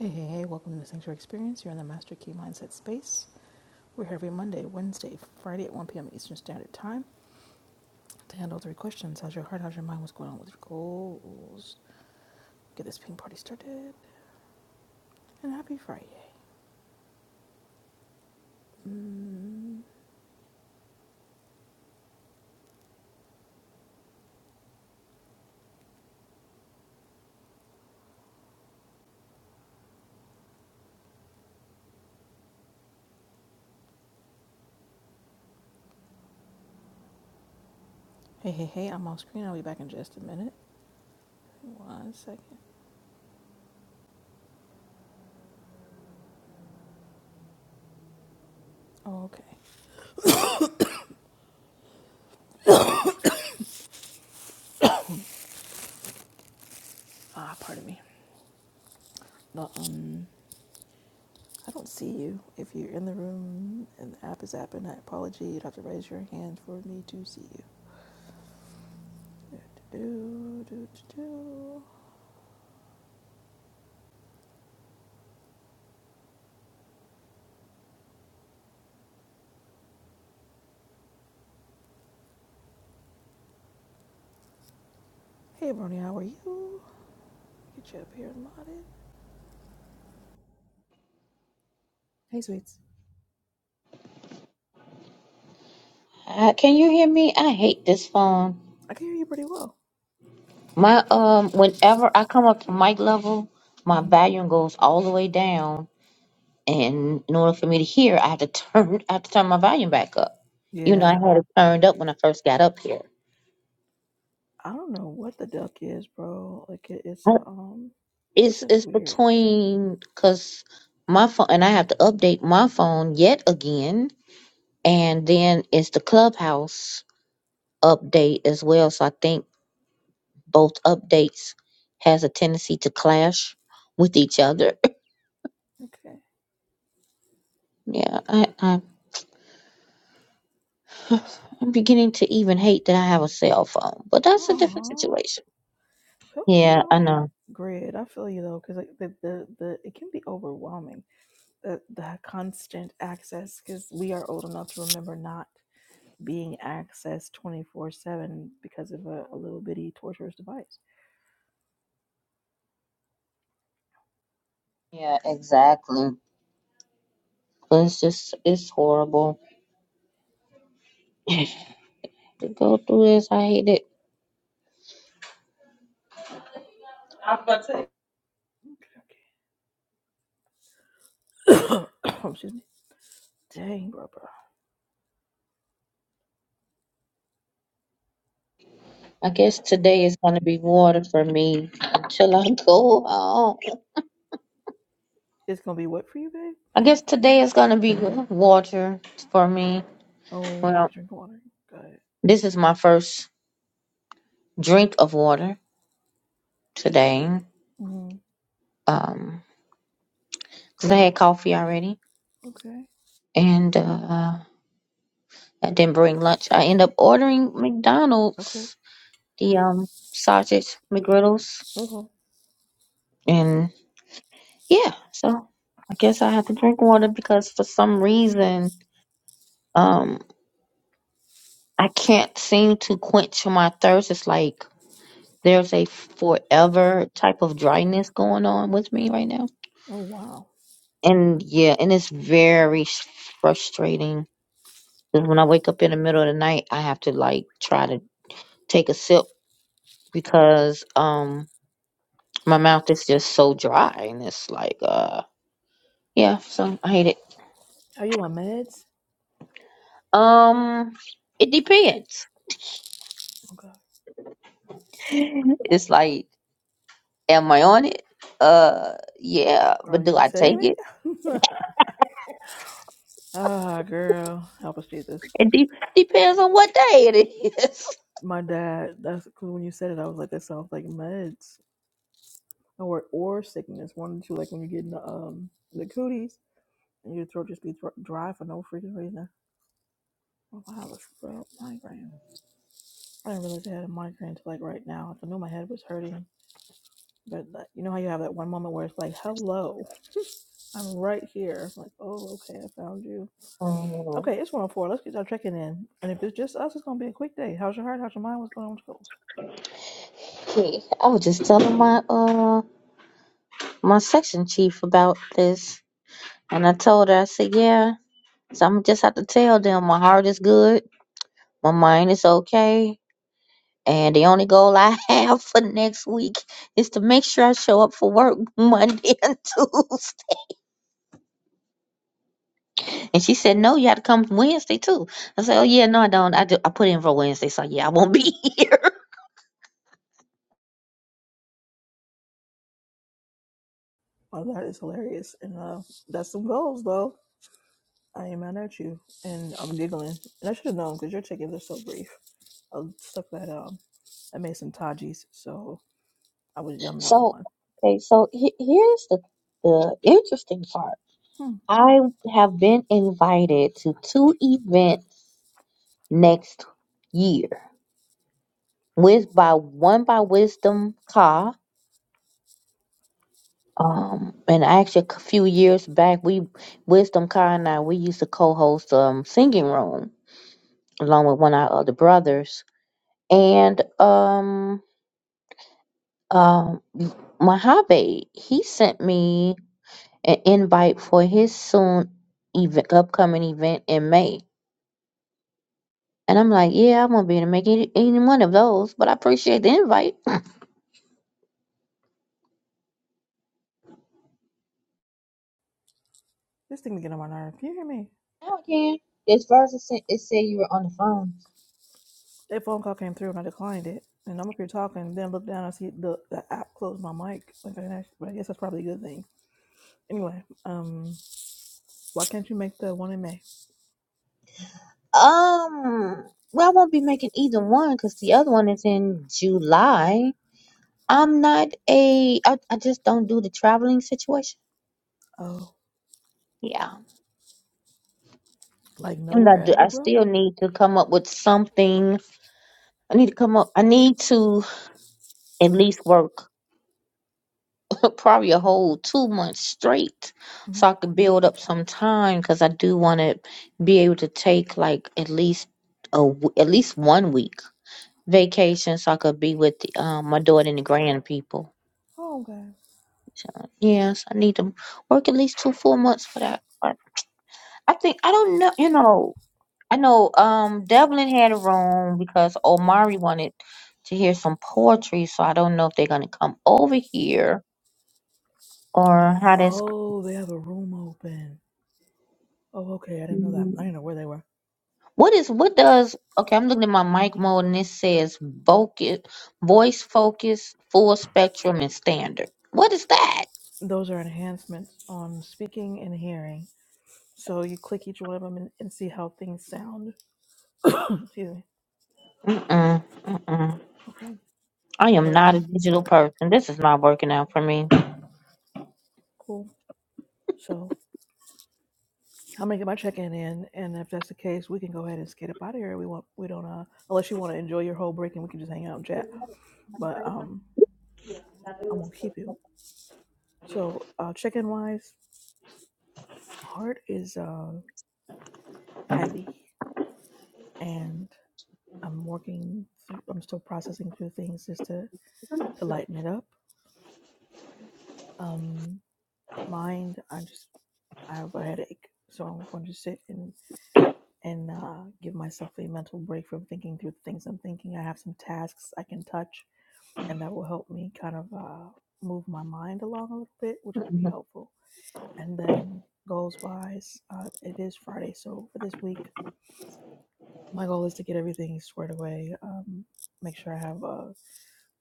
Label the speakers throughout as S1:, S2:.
S1: Hey, hey, hey, welcome to the Sanctuary Experience. You're in the Master Key Mindset Space. We're here every Monday, Wednesday, Friday at 1 p.m. Eastern Standard Time to handle three questions How's your heart? How's your mind? What's going on with your goals? Get this ping party started. And happy Friday. Mm. Hey, hey, hey, I'm off screen. I'll be back in just a minute. One second. Okay. Ah, pardon me. The, um, I don't see you. If you're in the room and the app is apping, I apologize. You'd have to raise your hand for me to see you. Do, do, do, do, do. Hey, Brony, how are you? Get you up here and modded. Hey, sweets.
S2: Uh, can you hear me? I hate this phone.
S1: I can hear you pretty well.
S2: My um, whenever I come up to mic level, my
S1: hmm
S2: volume goes all the way down, and in order for me to hear, I have to turn, I have to turn my volume back up. You know, I
S1: Yeah,
S2: had it turned up when I first got up here.
S1: I don't know what the duck is, bro. Like it, it's
S2: Uh,
S1: a um, it's
S2: It's
S1: just
S2: it's
S1: weird.
S2: between because my phone and I have to update my phone yet again, and then it's the clubhouse update as well. So I think both updates has a tendency to clash with each other
S1: Okay.
S2: Yeah, I, I, I'm beginning to even hate that I have a cell phone, but that's a different
S1: Aww.
S2: situation.
S1: Well, You
S2: Yeah,
S1: know
S2: I know.
S1: what? Grid, I feel you though, because like the, the the it can be overwhelming. The the constant access, because we are old enough to remember not being accessed twenty four seven because of a, a little bitty torturous device.
S2: Yeah, exactly. But it's just, it's horrible to go through this. I hate it.
S1: Okay. okay. Excuse me. Dang, bro, bro.
S2: I guess today is going to be water for me until I go home.
S1: It's gonna be wet for you, babe?
S2: I guess today is going to be water for me.
S1: Oh, you
S2: Well,
S1: be drinking water. Got it.
S2: this is my first drink of water today.
S1: hmm
S2: Um, 'cause I had coffee already.
S1: Okay.
S2: And, uh, I didn't bring lunch. I end up ordering
S1: Okay.
S2: McDonald's, the um sausage McGriddles,
S1: Okay.
S2: and yeah. So I guess I have to drink water because for some reason, um, I can't seem to quench my thirst. It's like there's a forever type of dryness going on with me right now,
S1: Oh wow.
S2: and yeah, and it's very s- frustrating because when I wake up in the middle of the night, I have to like try to take a sip because um my mouth is just so dry and it's like uh yeah so i hate it
S1: Are you on meds?
S2: um it depends
S1: Okay.
S2: it's like am i on it uh yeah but
S1: Are
S2: do
S1: you
S2: i
S1: taking
S2: take it
S1: it? ah, girl, help us beat this.
S2: it de- depends on what day it is
S1: My dad. That's because when you said it, I was like, that sounds like meds or or sickness. One or two. Like when you're getting the um the cooties and your throat just be thro- dry for no freaking reason. Oh, I have a migraine. I didn't realize I had a migraine until like right now. I knew my head was hurting That, that- you know how you have that one moment where it's like, hello, I'm right here. Like, oh, okay, I found you.
S2: Mm,
S1: Okay, it's 104. Let's get our checking in. And if it's just us, it's going to be a quick day. How's your heart? How's your mind? What's going on with your goals?
S2: okay i was just telling my uh my section chief about this and i told her i said yeah so i'm just have to tell them my heart is good my mind is okay And the only goal I have for next week is to make sure I show up for work Monday and Tuesday. And she said, No, you have to come Wednesday too. I said, Oh yeah, no, I don't. I do I put in for Wednesday, so yeah, I won't be here.
S1: Oh, that is hilarious. And uh, that's some goals, though. I am mad at you. And I'm giggling. And I should have known because your check-ins are so brief. I stuck that, um, I made some Tajis. So I was yumming on
S2: So
S1: one.
S2: okay, so he- here's the the interesting part.
S1: Hmm.
S2: I have been invited to two events next year. With by one by Wisdom Car Um, and actually, a few years back, we Wisdom Car and I we used to co-host um singing room along with one of our other brothers. And um, um, Mojave he sent me an invite for his soon event upcoming event in May. And I'm like, yeah, I won't be able to make any, any one of those, but I appreciate the invite.
S1: This thing to get on my nerve. Can you hear me?
S2: Now I can. As far as it said, it said you were on the phone.
S1: That phone call came through and I declined it. And I'm up here talking, then look down and see the, the app closed my mic. Like, I, didn't actually, but I guess that's probably a good thing. Anyway, um, why can't you make the one in May?
S2: Um, well, I won't be making either one because the other one is in July. I'm not a, I, I just don't do the traveling situation.
S1: Oh,
S2: Yeah.
S1: like
S2: Even though I,
S1: nowhere
S2: do,
S1: ever,
S2: I
S1: bro?
S2: still need to come up with something. I need to come up, I need to at least work probably a whole two months straight
S1: hmm
S2: so I could build up some time because I do want to be able to take like at least a, w- at least one week vacation so I could be with the, um, my daughter and the grand people.
S1: Oh, okay.
S2: So, yes, I need to work at least two full months for that. part. I think I don't know. You know, I know. Um, Devlin had a room because Omari wanted to hear some poetry, so I don't know if they're gonna come over here or how that's.
S1: Oh, they have a room open. Oh, okay. I didn't know that. I
S2: Mm.
S1: didn't know where they were.
S2: What is what does okay? I'm looking at my mic mode and it says focus, voice focus, full spectrum, and standard. What is that?
S1: Those are enhancements on speaking and hearing. So you click each one of them and, and see how things sound. Excuse me.
S2: Mm-mm, mm-mm.
S1: Okay.
S2: I
S1: What
S2: am
S1: do you
S2: not a
S1: want?
S2: digital person. This is not working out for me.
S1: Cool. So I'm gonna get my check-in in, and if that's the case, we can go ahead and skate up out of here. We want, we don't, uh, unless you want to enjoy your whole break, and we can just hang out and chat. But um, I won't keep you. So uh, check-in wise, heart is uh, heavy, and I'm working. Through, I'm still processing through things just to to lighten it up. Um, mind, I just I have a headache, so I'm going to sit and and uh, give myself a mental break from thinking through the things I'm thinking. I have some tasks I can touch and that will help me kind of uh, move my mind along a little bit, which will be helpful. And then goals wise, uh, it is Friday, so for this week, my goal is to get everything squared away. Um, make sure I have uh,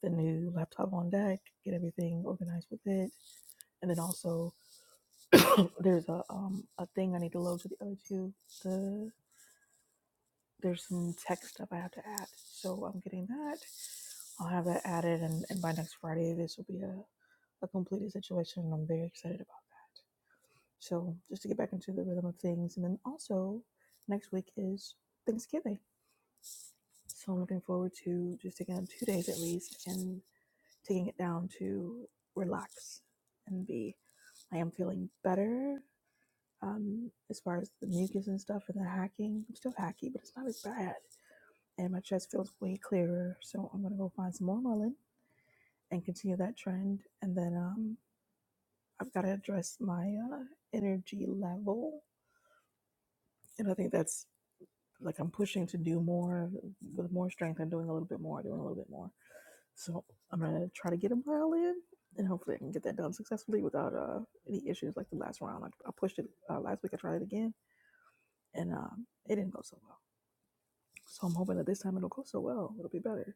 S1: the new laptop on deck, get everything organized with it, and then also there's a um, a thing I need to load to the other two. The there's some tech stuff I have to add, so I'm getting that. I'll have that added, and, and by next Friday, this will be a, a completed situation, and I'm very excited about that. So just to get back into the rhythm of things. And then also next week is Thanksgiving. So I'm looking forward to just taking on two days at least and taking it down to relax and be. I am feeling better um, as far as the mucus and stuff and the hacking. I'm still hacky, but it's not as bad. And my chest feels way clearer. So I'm going to go find some more mullein and continue that trend. And then um, I've got to address my uh, energy level. And I think that's like I'm pushing to do more with more strength. I'm doing a little bit more, doing a little bit more. So I'm gonna try to get a mile in, and hopefully I can get that done successfully without uh, any issues. Like the last round, I, I pushed it uh, last week. I tried it again, and um, it didn't go so well. So I'm hoping that this time it'll go so well, it'll be better,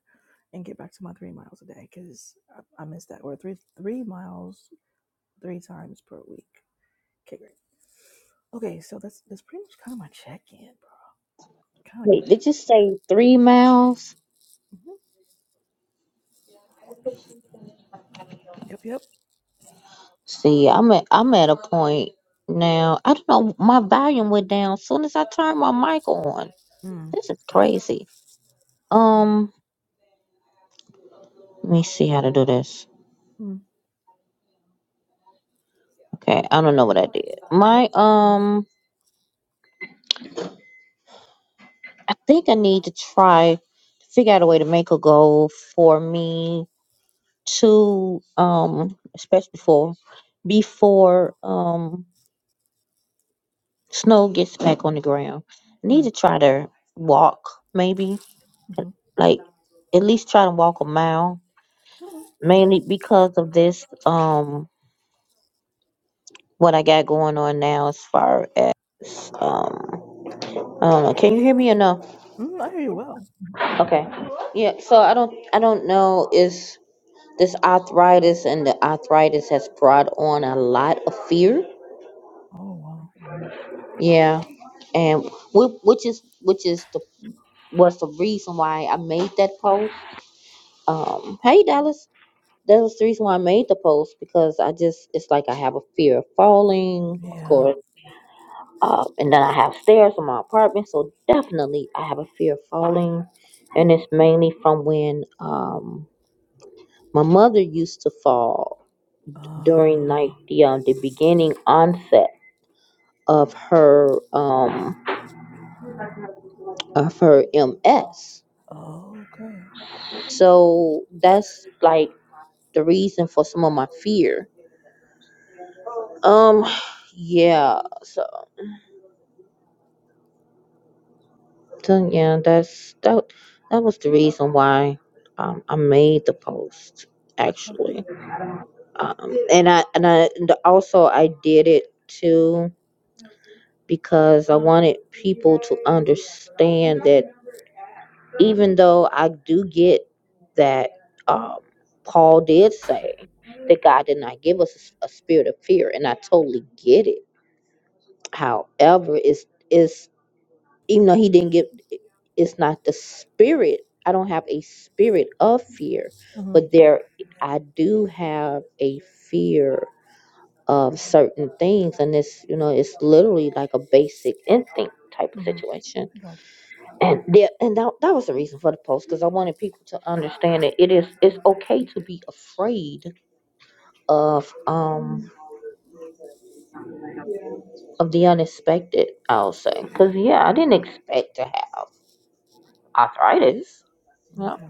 S1: and get back to my three miles a day because I, I missed that or three three miles three times per week. Okay, great. Okay, so that's that's pretty much kind of my check in, bro. Kind of
S2: Wait, did
S1: complete.
S2: you say three miles?
S1: hmm Yep, yep.
S2: See, I'm at I'm at a point now. I don't know. My volume went down as soon as I turned my mic on.
S1: Mm.
S2: This is crazy.
S1: Yeah.
S2: Um, let me see how to do this.
S1: Mm,
S2: Okay, I don't know what I did. My um, I think I need to try to figure out a way to make a goal for me to um, especially for before um snow gets back on the ground. I need to
S1: mm,
S2: try to walk maybe
S1: mhm,
S2: like at least try to walk a mile
S1: mhm.
S2: mainly because of this um what i got going on now as far as um i don't know can you hear me or no
S1: Mm, I hear you well.
S2: okay yeah so i don't i don't know is this arthritis and the arthritis has brought on a lot of fear
S1: Oh wow.
S2: yeah and whi- which is which is the was the reason why i made that post um hey dallas That was the reason why I made the post because I just it's like I have a fear of falling, of
S1: Yeah.
S2: course, uh, and then I have stairs in my apartment, so definitely I have a fear of falling, and
S1: Mm.
S2: it's mainly from when um my mother used to fall during like
S1: Ah.
S2: the um, the beginning onset of her um of her MS.
S1: okay.
S2: So that's like the reason for some of my fear. Um, yeah. so. So yeah, that's that. That was the reason why um, I made the post
S1: Okay.
S2: actually, um, and I and I and also I did it too because I wanted people to understand that even though I do get that um, Paul did say that God did not give us a, s- a spirit of fear, and I totally get it. However, it's is even though he didn't give it's not the spirit i don't have a spirit of fear
S1: Mm-hmm.
S2: but there i do have a fear of certain things and it's you know it's literally like a basic instinct type of
S1: Mm-hmm.
S2: situation
S1: Gotcha.
S2: and there and that, that was the reason for the post because i wanted people to understand that it is it's okay to be afraid of um of the unexpected i'll say because yeah i didn't expect to have arthritis yeah
S1: Okay.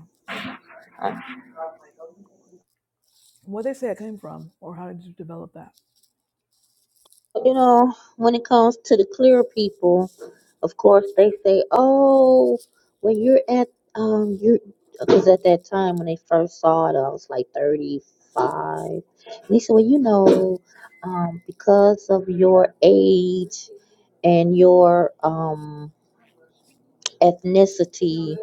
S1: Where they say it came from, or how did you develop that?
S2: you know, when it comes to the clear people, of course they say, "Oh, when you're at um, you because at that time when they first saw it, I was like 35." And they said, "Well, you know, um, because of your age and your um ethnicity,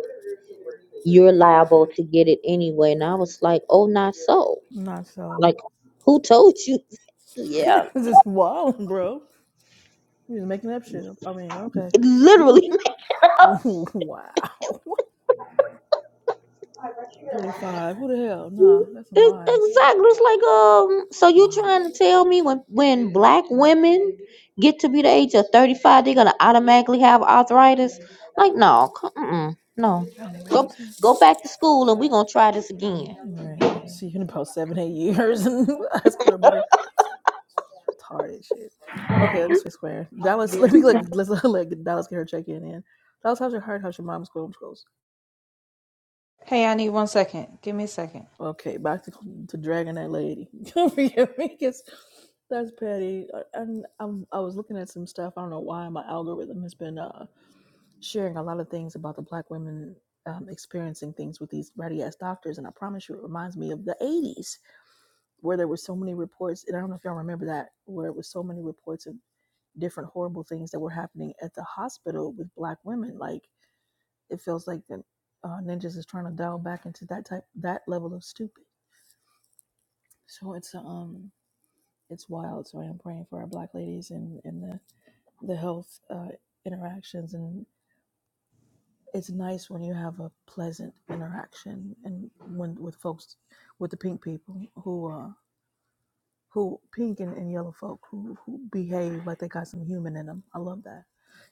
S2: you're liable to get it anyway." And I was like, "Oh, not so.
S1: Not so.
S2: Like, who told you?" yeah,
S1: It's just wild, bro. You're just making up shit. I mean, okay.
S2: literally.
S1: wow. Thirty-five. Who the hell? Nah,
S2: It,
S1: that's some lies.
S2: exactly. It's like um. So you
S1: Wow.
S2: trying to tell me when when black women get to be the age of thirty five, they're gonna automatically have arthritis? Like no, c- mm-mm, no.
S1: That don't even make no
S2: Go
S1: sense.
S2: go back to school and we are gonna try this again.
S1: All right. Let's See you in about seven, eight years, and ask for a better retarded shit. Okay, let me switch square. Dallas, let me like let's let Dallas get her check in. In Dallas, how's your heart? How's your mom's school? goes?
S3: Hey, I need one second. Give me a second.
S1: Okay, back to to dragging that lady. Don't forget me, 'cause that's petty. Uh, And I'm, I was looking at some stuff. I don't know why my algorithm has been uh, sharing a lot of things about the black women um, experiencing things with these ratty ass doctors. And I promise you, it reminds me of the '80s where there were so many reports. And I don't know if y'all remember that, where it was so many reports of different horrible things that were happening at the hospital with black women. Like it feels like the uh, ninjas is trying to dial back into that type, that level of stupid. So it's um, it's wild. So I am praying for our black ladies and and the the health uh, interactions and it's nice when you have a pleasant interaction and when with folks with the pink people who uh who pink and, and yellow folk who who behave like they got some human in them. I love that.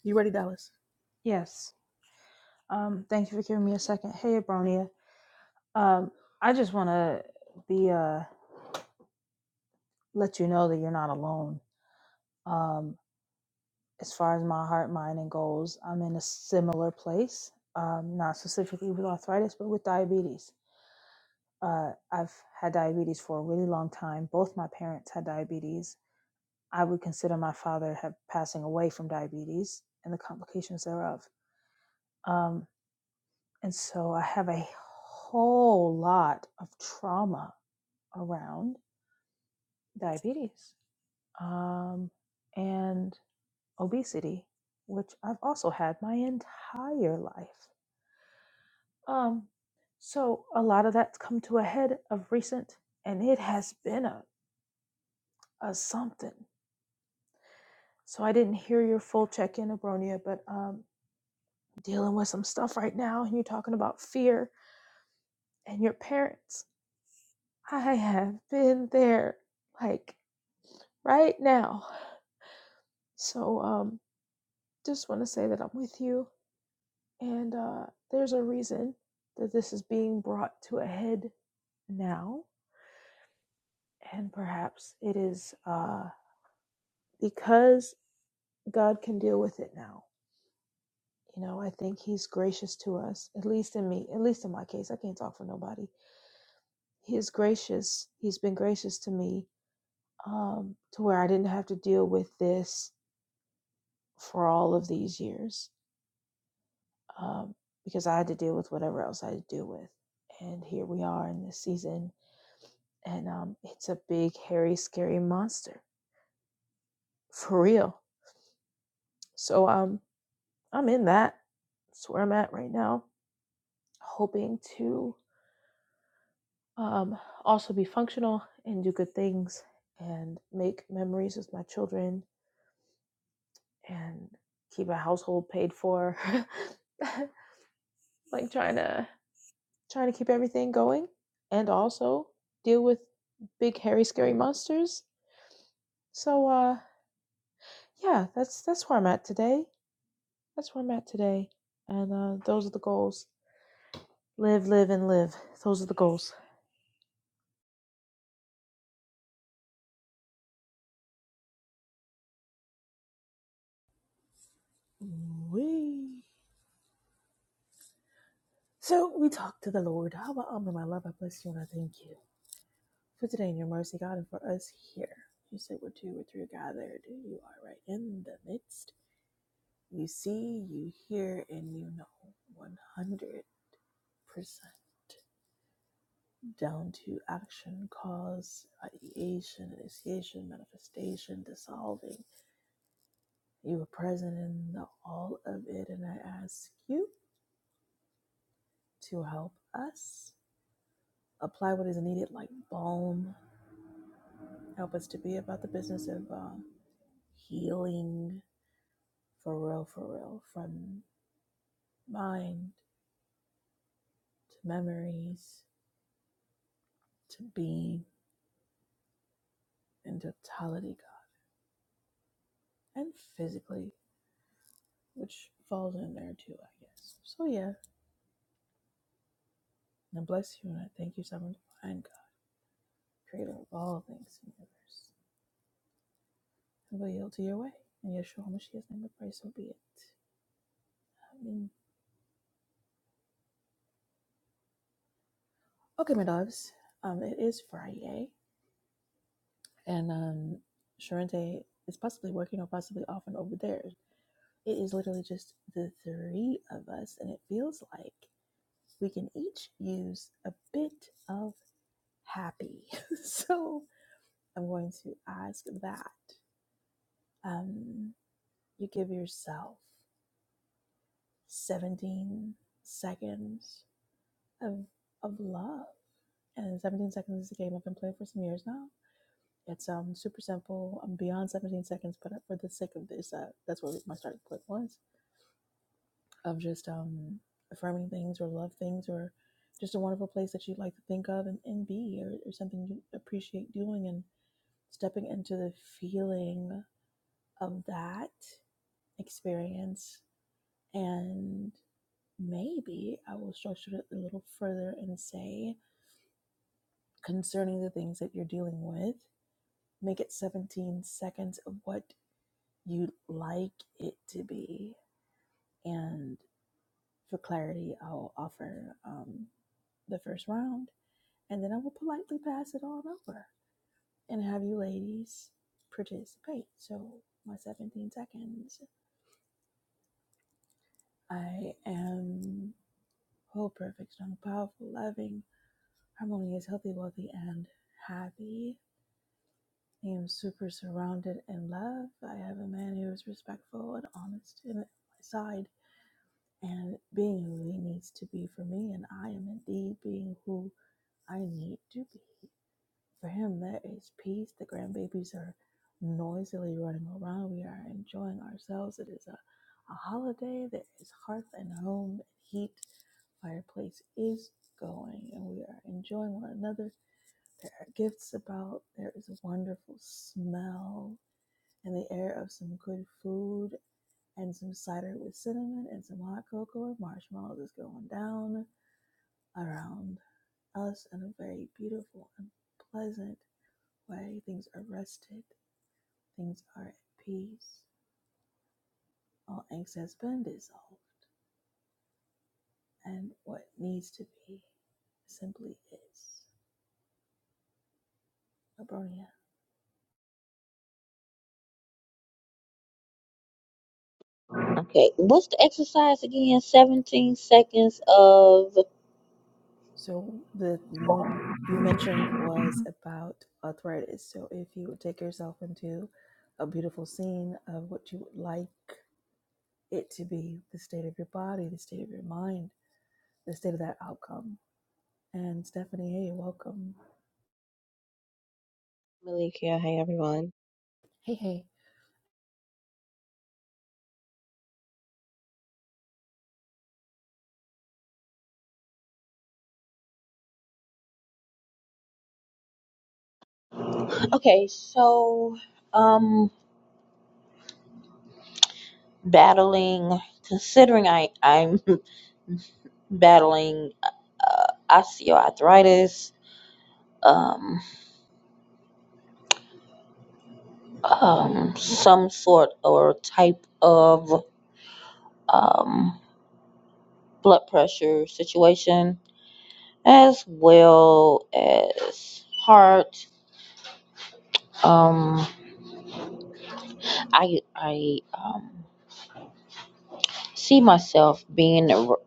S1: You ready, Dallas?
S3: Yes. Um, thank you for giving me a second. Hey, Abronia. Um, I just want to be uh let you know that you're not alone. Um, as far as my heart, mind, and goals, I'm in a similar place. Um, not specifically with arthritis, but with diabetes. Uh, I've had diabetes for a really long time. Both my parents had diabetes. I would consider my father have passing away from diabetes and the complications thereof. Um. And so I have a whole lot of trauma around diabetes um, and obesity, which I've also had my entire life. Um, so a lot of that's come to a head of recent, and it has been a, a something. So I didn't hear your full check in, Abronia, but um, dealing with some stuff right now, and you're talking about fear and your parents. I have been there. Like, right now. So um just want to say that I'm with you and uh there's a reason that this is being brought to a head now and perhaps it is uh because God can deal with it now. You know, I think he's gracious to us, at least in me, at least in my case. I can't talk for nobody. He is gracious. He's been gracious to me um to where I didn't have to deal with this for all of these years um, because I had to deal with whatever else I had to deal with. And here we are in this season, and um, it's a big, hairy, scary monster for real. So um, I'm in that. That's where I'm at right now, hoping to um, also be functional and do good things and make memories with my children and keep a household paid for. like trying to trying to keep everything going and also deal with big hairy scary monsters. So uh yeah, that's that's where I'm at today. That's where I'm at today. And uh those are the goals. Live, live and live. Those are the goals.
S1: We. So we talk to the Lord. Abba, Abba, my love, I bless you and I thank you for today and your mercy, God, and for us here. You said, we're two or three are gathered, you are right in the midst. You see, you hear, and you know, one hundred percent, down to action, cause, ideation, initiation, manifestation, dissolving. You are present in the all of it, and I ask you to help us apply what is needed like balm Help us to be about the business of uh, healing for real, for real, from mind to memories to being and totality, God, and physically, which falls in there too, I guess. So, yeah, and I bless you and I thank you, Sovereign Divine God, Creator of all things in the universe. And we yield to your way. And Yeshua HaMashiach's name we pray, so be it. I mean, okay, my dogs, um, it is Friday. and um Sharente is possibly working or possibly off over there. It is literally just the three of us, and it feels like we can each use a bit of happy. so I'm going to ask that um, you give yourself 17 seconds of of love, and 17 seconds is a game I've been playing for some years now. It's um super simple. I'm beyond 17 seconds, but for the sake of this, uh, that's where my starting point was of just um affirming things or love things or just a wonderful place that you'd like to think of and, and be or, or something you appreciate doing and stepping into the feeling of that experience. And maybe I will structure it a little further and say concerning the things that you're dealing with, make it 17 seconds of what you'd like it to be. And for clarity, I'll offer um, the first round and then I will politely pass it on over and have you ladies participate. So, my 17 seconds. I am whole, perfect, strong, powerful, loving, harmonious, healthy, wealthy, and happy. I am super surrounded in love. I have a man who is respectful and honest in my side and being who he needs to be for me, and I am indeed being who I need to be for him. There is peace. The grandbabies are noisily running around. We are enjoying ourselves. It is a, a holiday. There is hearth and home and heat. Fireplace is going, and we are enjoying one another. There are gifts about. There is a wonderful smell in the air of some good food and some cider with cinnamon and some hot cocoa and marshmallows is going down around us in a very beautiful and pleasant way. Things are rested, things are at peace. All angst has been dissolved, and what needs to be simply is abronia.
S2: Okay. What's the exercise again? Seventeen seconds of.
S1: So the one you mentioned was about arthritis. So if you would take yourself into a beautiful scene of what you would like it to be the state of your body, the state of your mind, the state of that outcome. And Stephanie, hey, welcome.
S4: Malik here. Hi, everyone.
S1: Hey, hey.
S2: Okay. So um, battling. Considering I I'm battling uh, osteoarthritis. Um, um, some sort or type of um, blood pressure situation, as well as heart. Um, I I um, see myself being ar-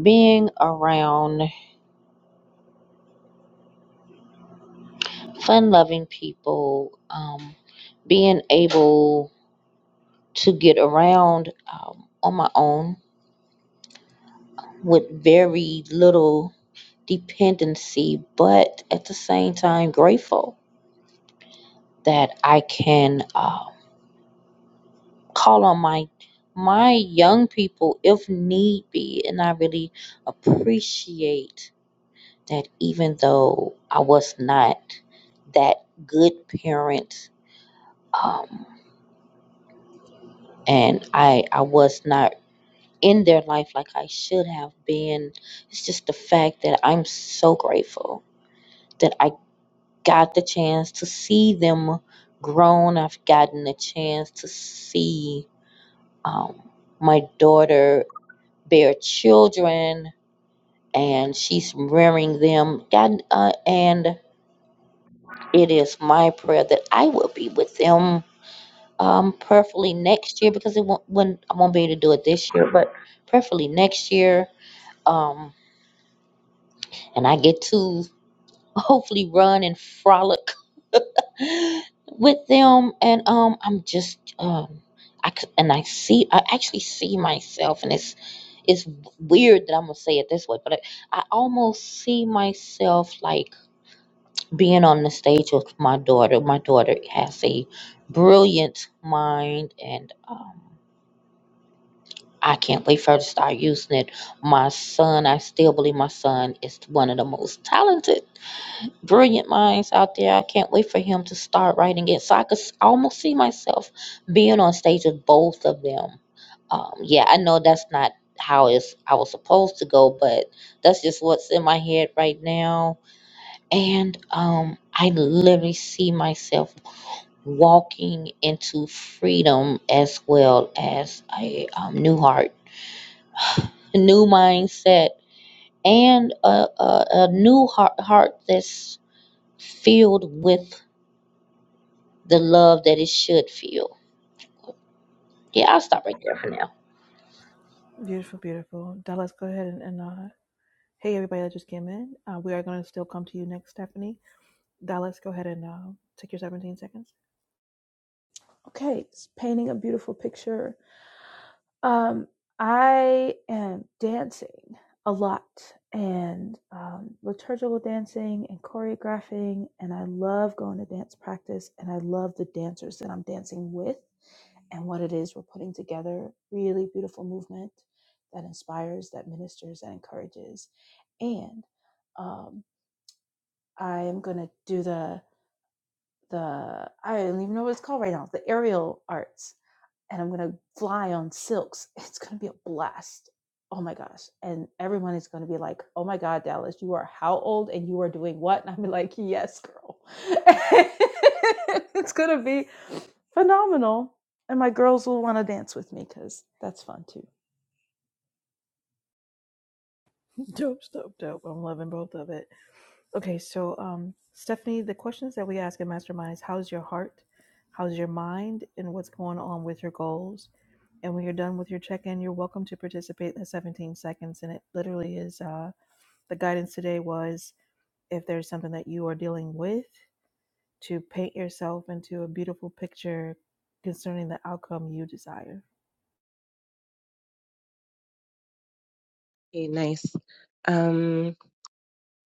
S2: being around fun-loving people, um, being able to get around um, on my own with very little dependency, but at the same time grateful that I can uh, call on my my young people if need be, and I really appreciate that even though I was not that good parent, um, and I I was not in their life like I should have been, it's just the fact that I'm so grateful that I got the chance to see them grown. I've gotten the chance to see um, my daughter bear children and she's rearing them God, uh, and it is my prayer that i will be with them um, perfectly next year because it won't, when, i won't be able to do it this year but perfectly next year um, and i get to hopefully run and frolic with them and um i'm just um i c- and i see i actually see myself and it's it's weird that i'm gonna say it this way but i, I almost see myself like being on the stage with my daughter my daughter has a brilliant mind and um I can't wait for her to start using it. My son, I still believe my son is one of the most talented brilliant minds out there. I can't wait for him to start writing it. So I could s- almost see myself being on stage with both of them. Um, yeah, I know that's not how it's I was supposed to go, but that's just what's in my head right now. And um, I literally see myself walking into freedom as well as a um, new heart, a new mindset, and a, a, a new heart, heart that's filled with the love that it should feel. Yeah, I'll stop right there for now.
S1: Beautiful, beautiful. Dallas, go ahead and, and uh, hey, everybody that just came in. Uh, we are going to still come to you next, Stephanie. Dallas, go ahead and uh, take your 17 seconds.
S3: Okay, it's painting a beautiful picture Um, I am dancing a lot and um, liturgical dancing and choreographing, and I love going to dance practice, and I love the dancers that I'm dancing with and what it is we're putting together. Really beautiful movement that inspires, that ministers, that encourages, and um, I am gonna do the the I don't even know what it's called right now. The aerial arts and I'm going to fly on silks. It's going to be a blast. Oh my gosh. And everyone is going to be like, oh my God, Dallas, you are how old and you are doing what? And I'm like, yes, girl. it's going to be phenomenal. And my girls will want to dance with me because that's fun too.
S1: dope, dope, dope. I'm loving both of it. Okay, so um, Stephanie, the questions that we ask in Mastermind is how's your heart? How's your mind? And what's going on with your goals? And when you're done with your check in, you're welcome to participate in the 17 seconds. And it literally is uh, the guidance today was if there's something that you are dealing with, to paint yourself into a beautiful picture concerning the outcome you desire.
S4: Hey, nice. Um,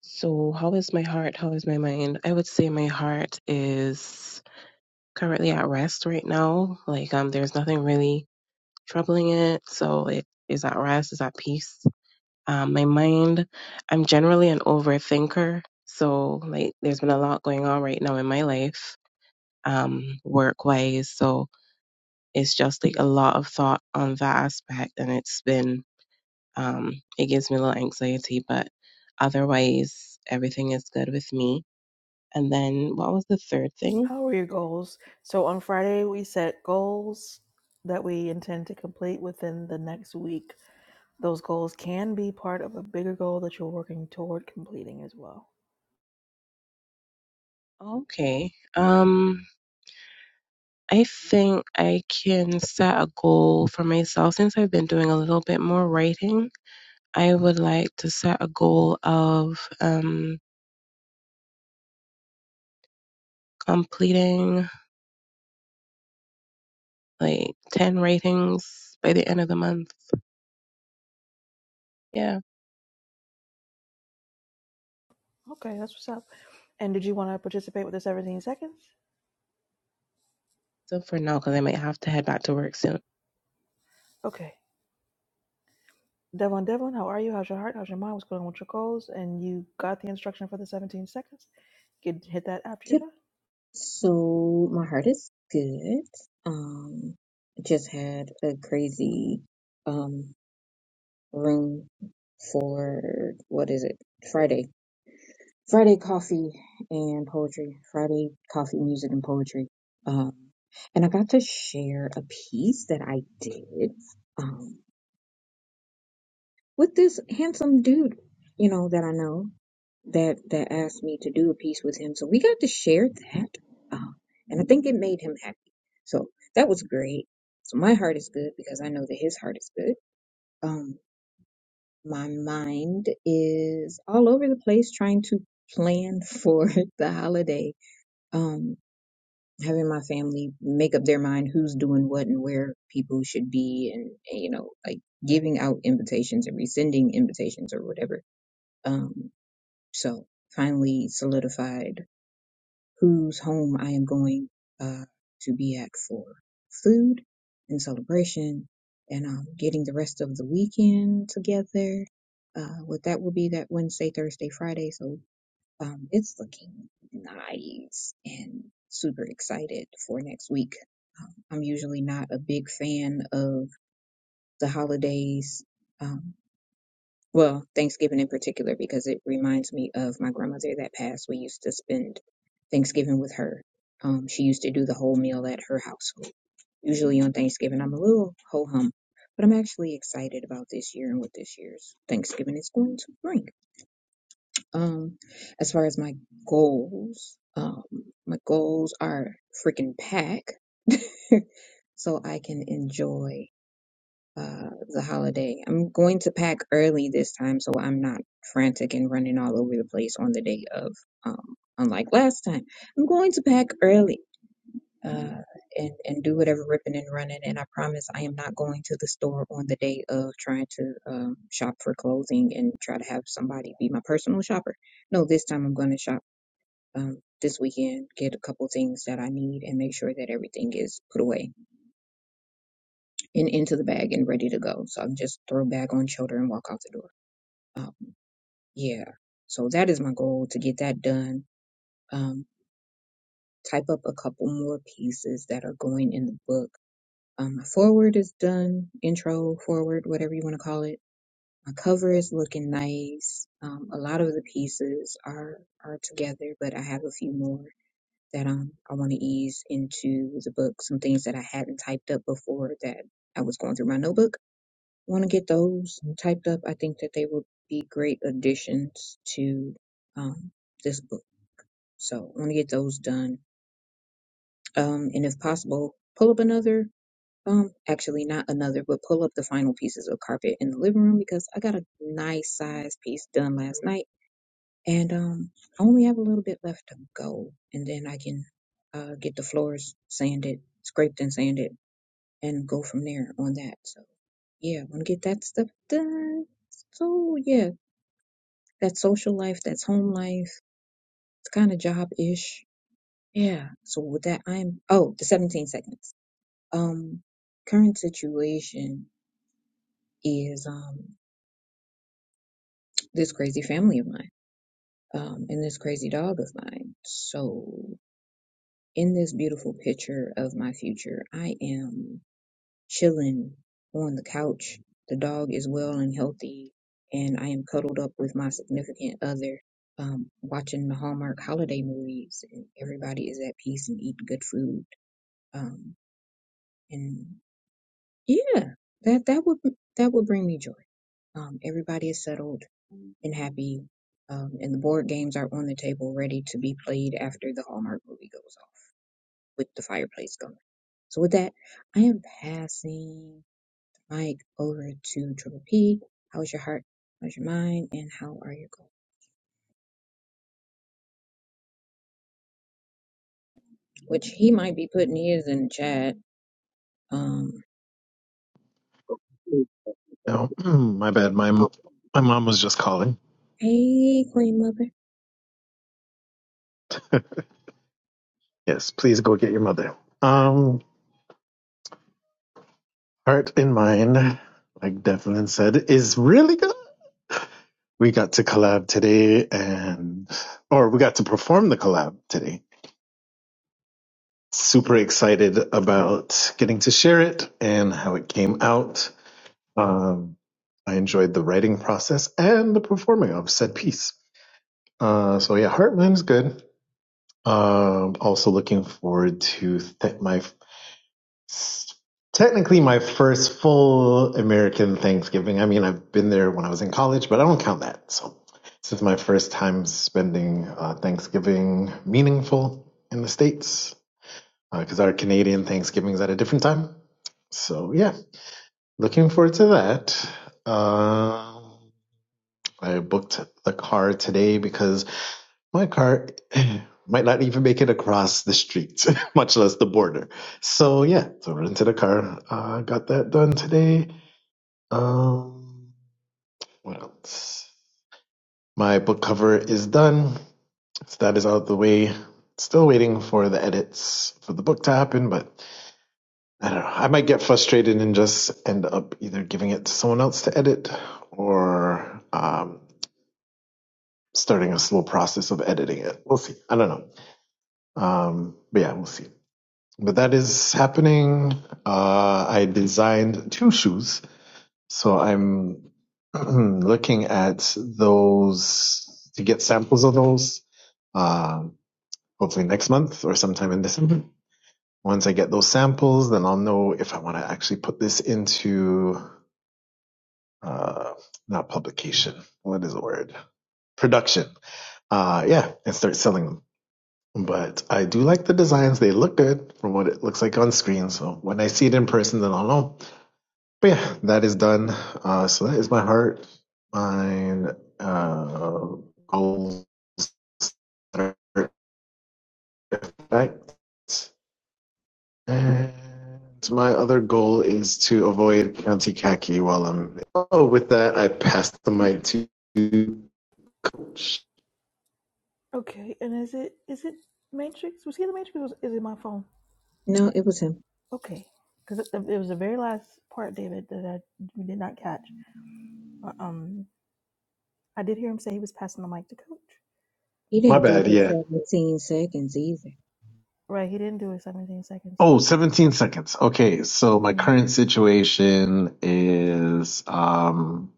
S4: so how is my heart? How is my mind? I would say my heart is currently at rest right now. Like, um, there's nothing really troubling it, so it is at rest, is at peace. Um, my mind, I'm generally an overthinker, so like, there's been a lot going on right now in my life, um, work wise. So it's just like a lot of thought on that aspect, and it's been Um, it gives me a little anxiety, but otherwise, everything is good with me. And then what was the third thing?
S1: How are your goals? So on Friday, we set goals that we intend to complete within the next week. Those goals can be part of a bigger goal that you're working toward completing as well.
S4: Okay. Um, I think I can set a goal for myself since I've been doing a little bit more writing. I would like to set a goal of um, completing like 10 writings by the end of the month. Yeah.
S1: Okay, that's what's up. And did you want to participate with the 17 seconds?
S4: So for now, because I might have to head back to work soon.
S1: Okay. Devlin, Devlin, how are you? How's your heart? How's your mind? What's going on with your goals? And you got the instruction for the 17 seconds. Get hit that after you're
S5: Yep.
S1: done.
S5: So my heart is good. Um, just had a crazy um room for what is it? Friday. Friday coffee and poetry. Friday coffee, music and poetry. Um, and I got to share a piece that I did. um, with this handsome dude, you know, that I know that that asked me to do a piece with him. So we got to share that, uh, and I think it made him happy. So that was great. So my heart is good because I know that his heart is good. Um, my mind is all over the place trying to plan for the holiday. Um, having my family make up their mind who's doing what and where people should be, and and you know, like giving out invitations and rescinding invitations or whatever um, so finally solidified whose home I am going uh, to be at for food and celebration and um, getting the rest of the weekend together. Uh, what that will be that Wednesday, Thursday, Friday. So um, it's looking nice and super excited for next week. Um, I'm usually not a big fan of the holidays. um, well, Thanksgiving in particular, because it reminds me of my grandmother that passed. We used to spend Thanksgiving with her. Um, she used to do the whole meal at her household. Usually on Thanksgiving, I'm a little ho hum, but I'm actually excited about this year and what this year's Thanksgiving is going to bring. Um, as far as my goals, um, my goals are freaking pack so I can enjoy uh, the holiday. I'm going to pack early this time so I'm not frantic and running all over the place on the day of, um, unlike last time. I'm going to pack early. Uh, and, and do whatever ripping and running, and I promise I am not going to the store on the day of trying to um, shop for clothing and try to have somebody be my personal shopper. No, this time I'm going to shop um, this weekend, get a couple things that I need, and make sure that everything is put away and into the bag and ready to go. So I just throw bag on shoulder and walk out the door. Um, yeah. So that is my goal to get that done. Um, type up a couple more pieces that are going in the book. Um, my forward is done, intro, forward, whatever you want to call it. My cover is looking nice. Um, a lot of the pieces are are together, but I have a few more that um, I want to ease into the book. Some things that I hadn't typed up before that I was going through my notebook want to get those um, typed up. I think that they would be great additions to um, this book. So I want to get those done. Um, and if possible, pull up another, um, actually not another, but pull up the final pieces of carpet in the living room because I got a nice size piece done last night and um, I only have a little bit left to go. And then I can uh, get the floors sanded, scraped and sanded and go from there on that. So yeah, I want to get that stuff done. So yeah, That's social life, that's home life. It's kind of job-ish. Yeah. So with that, I'm, oh, the 17 seconds. Um, current situation is, um, this crazy family of mine, um, and this crazy dog of mine. So in this beautiful picture of my future, I am chilling on the couch. The dog is well and healthy, and I am cuddled up with my significant other, um, watching the Hallmark holiday movies. And everybody is at peace and eating good food. Um, and yeah, that that would that would bring me joy. Um, everybody is settled and happy, um, and the board games are on the table, ready to be played after the Hallmark movie goes off with the fireplace going. So with that, I am passing. Mike over to Triple P. How's your heart? How's your mind? And how are your goals? Which he might be putting his in the chat. Um,
S6: No, my bad. My m- my mom was just calling.
S5: hey, Queen Mother.
S6: Yes, please go get your mother. Um, heart in mind, like Devlin said, is really good. We got to collab today, and or we got to perform the collab today. Super excited about getting to share it and how it came out. Um, I enjoyed the writing process and the performing of said piece. Uh, so yeah, Heartland is good. Um, also looking forward to th- my Technically, my first full American Thanksgiving. I mean, I've been there when I was in college, but I don't count that. So this is my first time spending uh, Thanksgiving meaningful in the States because our Canadian Thanksgiving's at a different time. So yeah, looking forward to that. Um I booked the car today because my car might not even make it across the street, much less the border. So yeah, so rented a car. Uh, got that done today. Um, what else? My book cover is done. So that is out of the way. Still waiting for the edits for the book to happen, but I don't know. I might get frustrated and just end up either giving it to someone else to edit or um, starting a slow process of editing it. We'll see. I don't know. Um, but yeah, we'll see. but that is happening. Uh, I designed two shoes, so I'm looking at those to get samples of those. Uh, hopefully next month or sometime in December. Once I get those samples, then I'll know if I want to actually put this into uh, not publication. What is the word? Production. Uh, yeah, and start selling them. But I do like the designs. They look good from what it looks like on screen. So when I see it in person, then I'll know. But yeah, that is done. Uh, so that is my heart, mine uh, goals, that and my other goal is to avoid County Khaki while I'm. Oh, with that, I passed the mic to.
S1: Okay. And is it is it Matrix? Was he in the Matrix? Or was, is it my phone?
S5: No, it was him.
S1: Okay. Because it, it was the very last part, David, that I did not catch. Uh, Um, I did hear him say he was passing the mic to Coach.
S5: He
S6: My
S5: didn't do
S6: bad. Yeah.
S5: his 17 seconds either.
S1: Right. He didn't do his 17 seconds.
S6: Oh, 17 seconds. Okay, so my
S1: Mm.
S6: current situation is um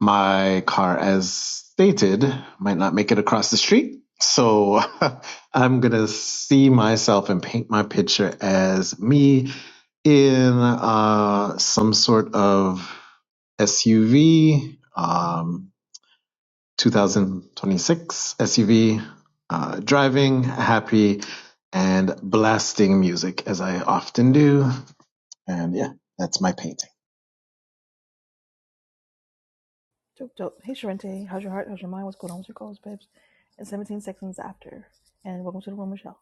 S6: My car, as stated, might not make it across the street. So I'm going to see myself and paint my picture as me in uh, some sort of SUV, um, 2026 SUV, uh, driving, happy, and blasting music as I often do. And yeah, that's my painting.
S1: Dope, dope. Hey, Sharente. How's your heart? How's your mind? What's going on with your goals, babes? And 17 seconds after. And welcome to the room, Michelle.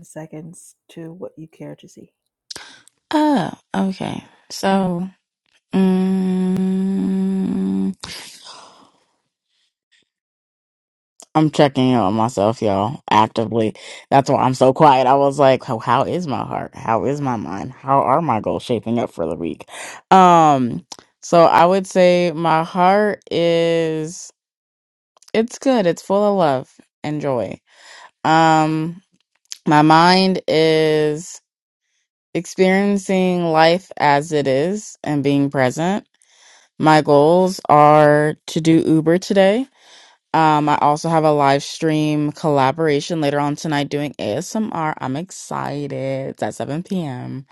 S1: Seconds to what you care to see.
S7: Oh, okay. So, mm, I'm checking in on myself, y'all, actively. That's why I'm so quiet. I was like, oh, how is my heart? How is my mind? How are my goals shaping up for the week? Um, so I would say my heart is it's good. It's full of love and joy. Um, my mind is experiencing life as it is and being present My goals are to do Uber today. Um, I also have a live stream collaboration later on tonight doing ASMR. I'm excited. It's at 7 p.m.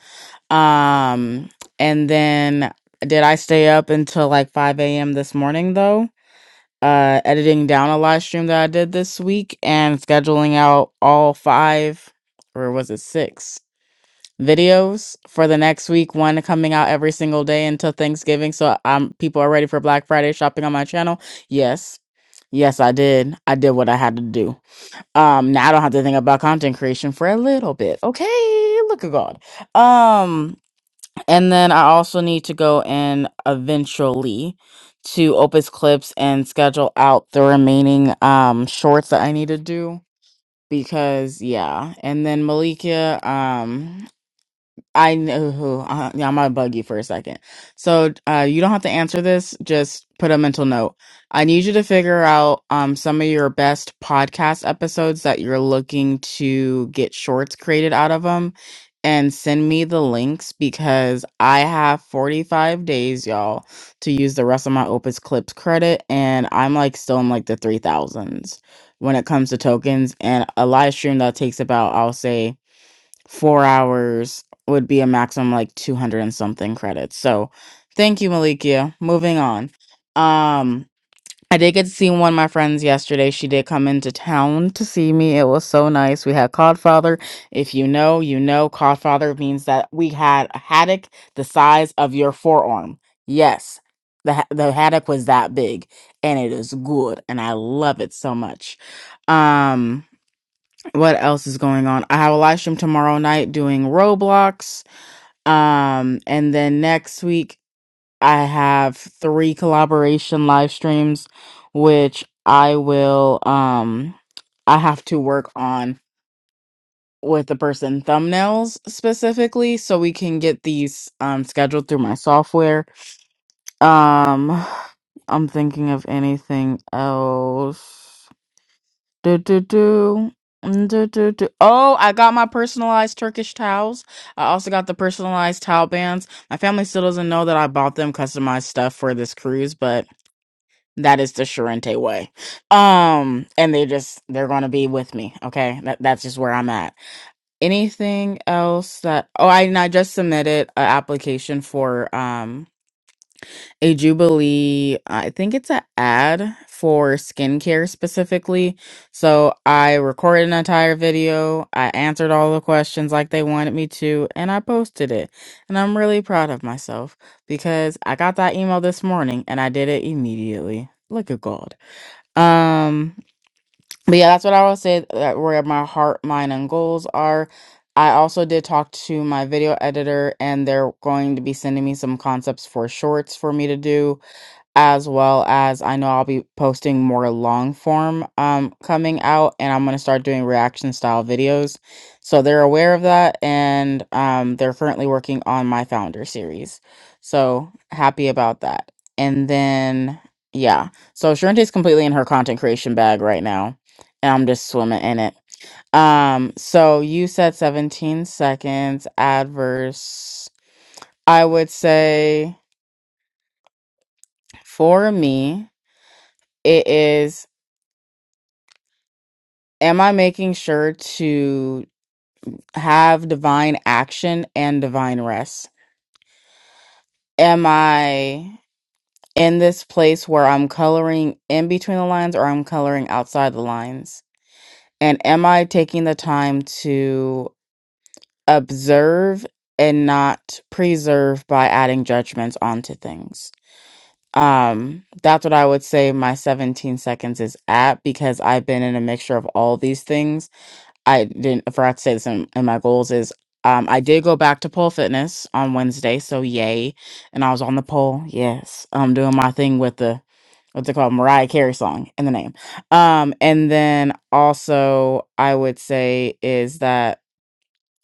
S7: Um, and then did I stay up until like 5 a.m. this morning though? Uh, editing down a live stream that I did this week and scheduling out all five, or was it six? videos for the next week. One coming out every single day until Thanksgiving. So um, people are ready for Black Friday shopping on my channel. Yes, yes, I did. I did what I had to do. Um, now I don't have to think about content creation for a little bit. Okay, look at God. Um, and then I also need to go in eventually to Opus Clips and schedule out the remaining um shorts that I need to do because yeah and then malikia um I know who. Uh, yeah, I'm gonna bug you for a second. So, uh, you don't have to answer this. Just put a mental note. I need you to figure out um some of your best podcast episodes that you're looking to get shorts created out of them, and send me the links because I have 45 days, y'all, to use the rest of my Opus Clips credit, and I'm like still in like the three thousands when it comes to tokens. And a live stream that takes about, I'll say four hours would be a maximum like 200 and something credits. So thank you, Malikia. Moving on. Um, I did get to see one of my friends yesterday. She did come into town to see me. It was so nice. We had Codfather. If you know, you know, Codfather means that we had a haddock the size of your forearm. Yes, the, ha- the haddock was that big and it is good and I love it so much. Um, what else is going on? I have a live stream tomorrow night doing Roblox. Um, and then next week I have three collaboration live streams, which I will um I have to work on with the person thumbnails specifically so we can get these um scheduled through my software. Um I'm thinking of anything else. Do, do, do. Mm, do, do, do. Oh, I got my personalized Turkish towels. I also got the personalized towel bands. My family still doesn't know that I bought them customized stuff for this cruise, but that is the Charente way. Um, and they just they're gonna be with me. Okay, that, that's just where I'm at. Anything else that? Oh, I and I just submitted an application for um a Jubilee, I think it's an ad for skincare specifically. So I recorded an entire video. I answered all the questions like they wanted me to, and I posted it. And I'm really proud of myself because I got that email this morning and I did it immediately. Look at God. Um, but yeah, that's what I will say that where my heart, mind, and goals are. I also did talk to my video editor, and they're going to be sending me some concepts for shorts for me to do as well as I know I'll be posting more long form um coming out and I'm going to start doing reaction style videos. So they're aware of that and um they're currently working on my founder series. So happy about that. And then yeah. So Sharente's completely in her content creation bag right now and I'm just swimming in it. Um so you said 17 seconds adverse. I would say for me it is am I making sure to have divine action and divine rest? Am I in this place where I'm coloring in between the lines or I'm coloring outside the lines? And am I taking the time to observe and not preserve by adding judgments onto things? Um, that's what I would say my 17 seconds is at because I've been in a mixture of all these things I didn't I forgot to say this in, in my goals is um I did go back to pole fitness on Wednesday, so yay. And I was on the pole, yes. Um doing my thing with the what's it called? Mariah Carey song in the name. Um and then also I would say is that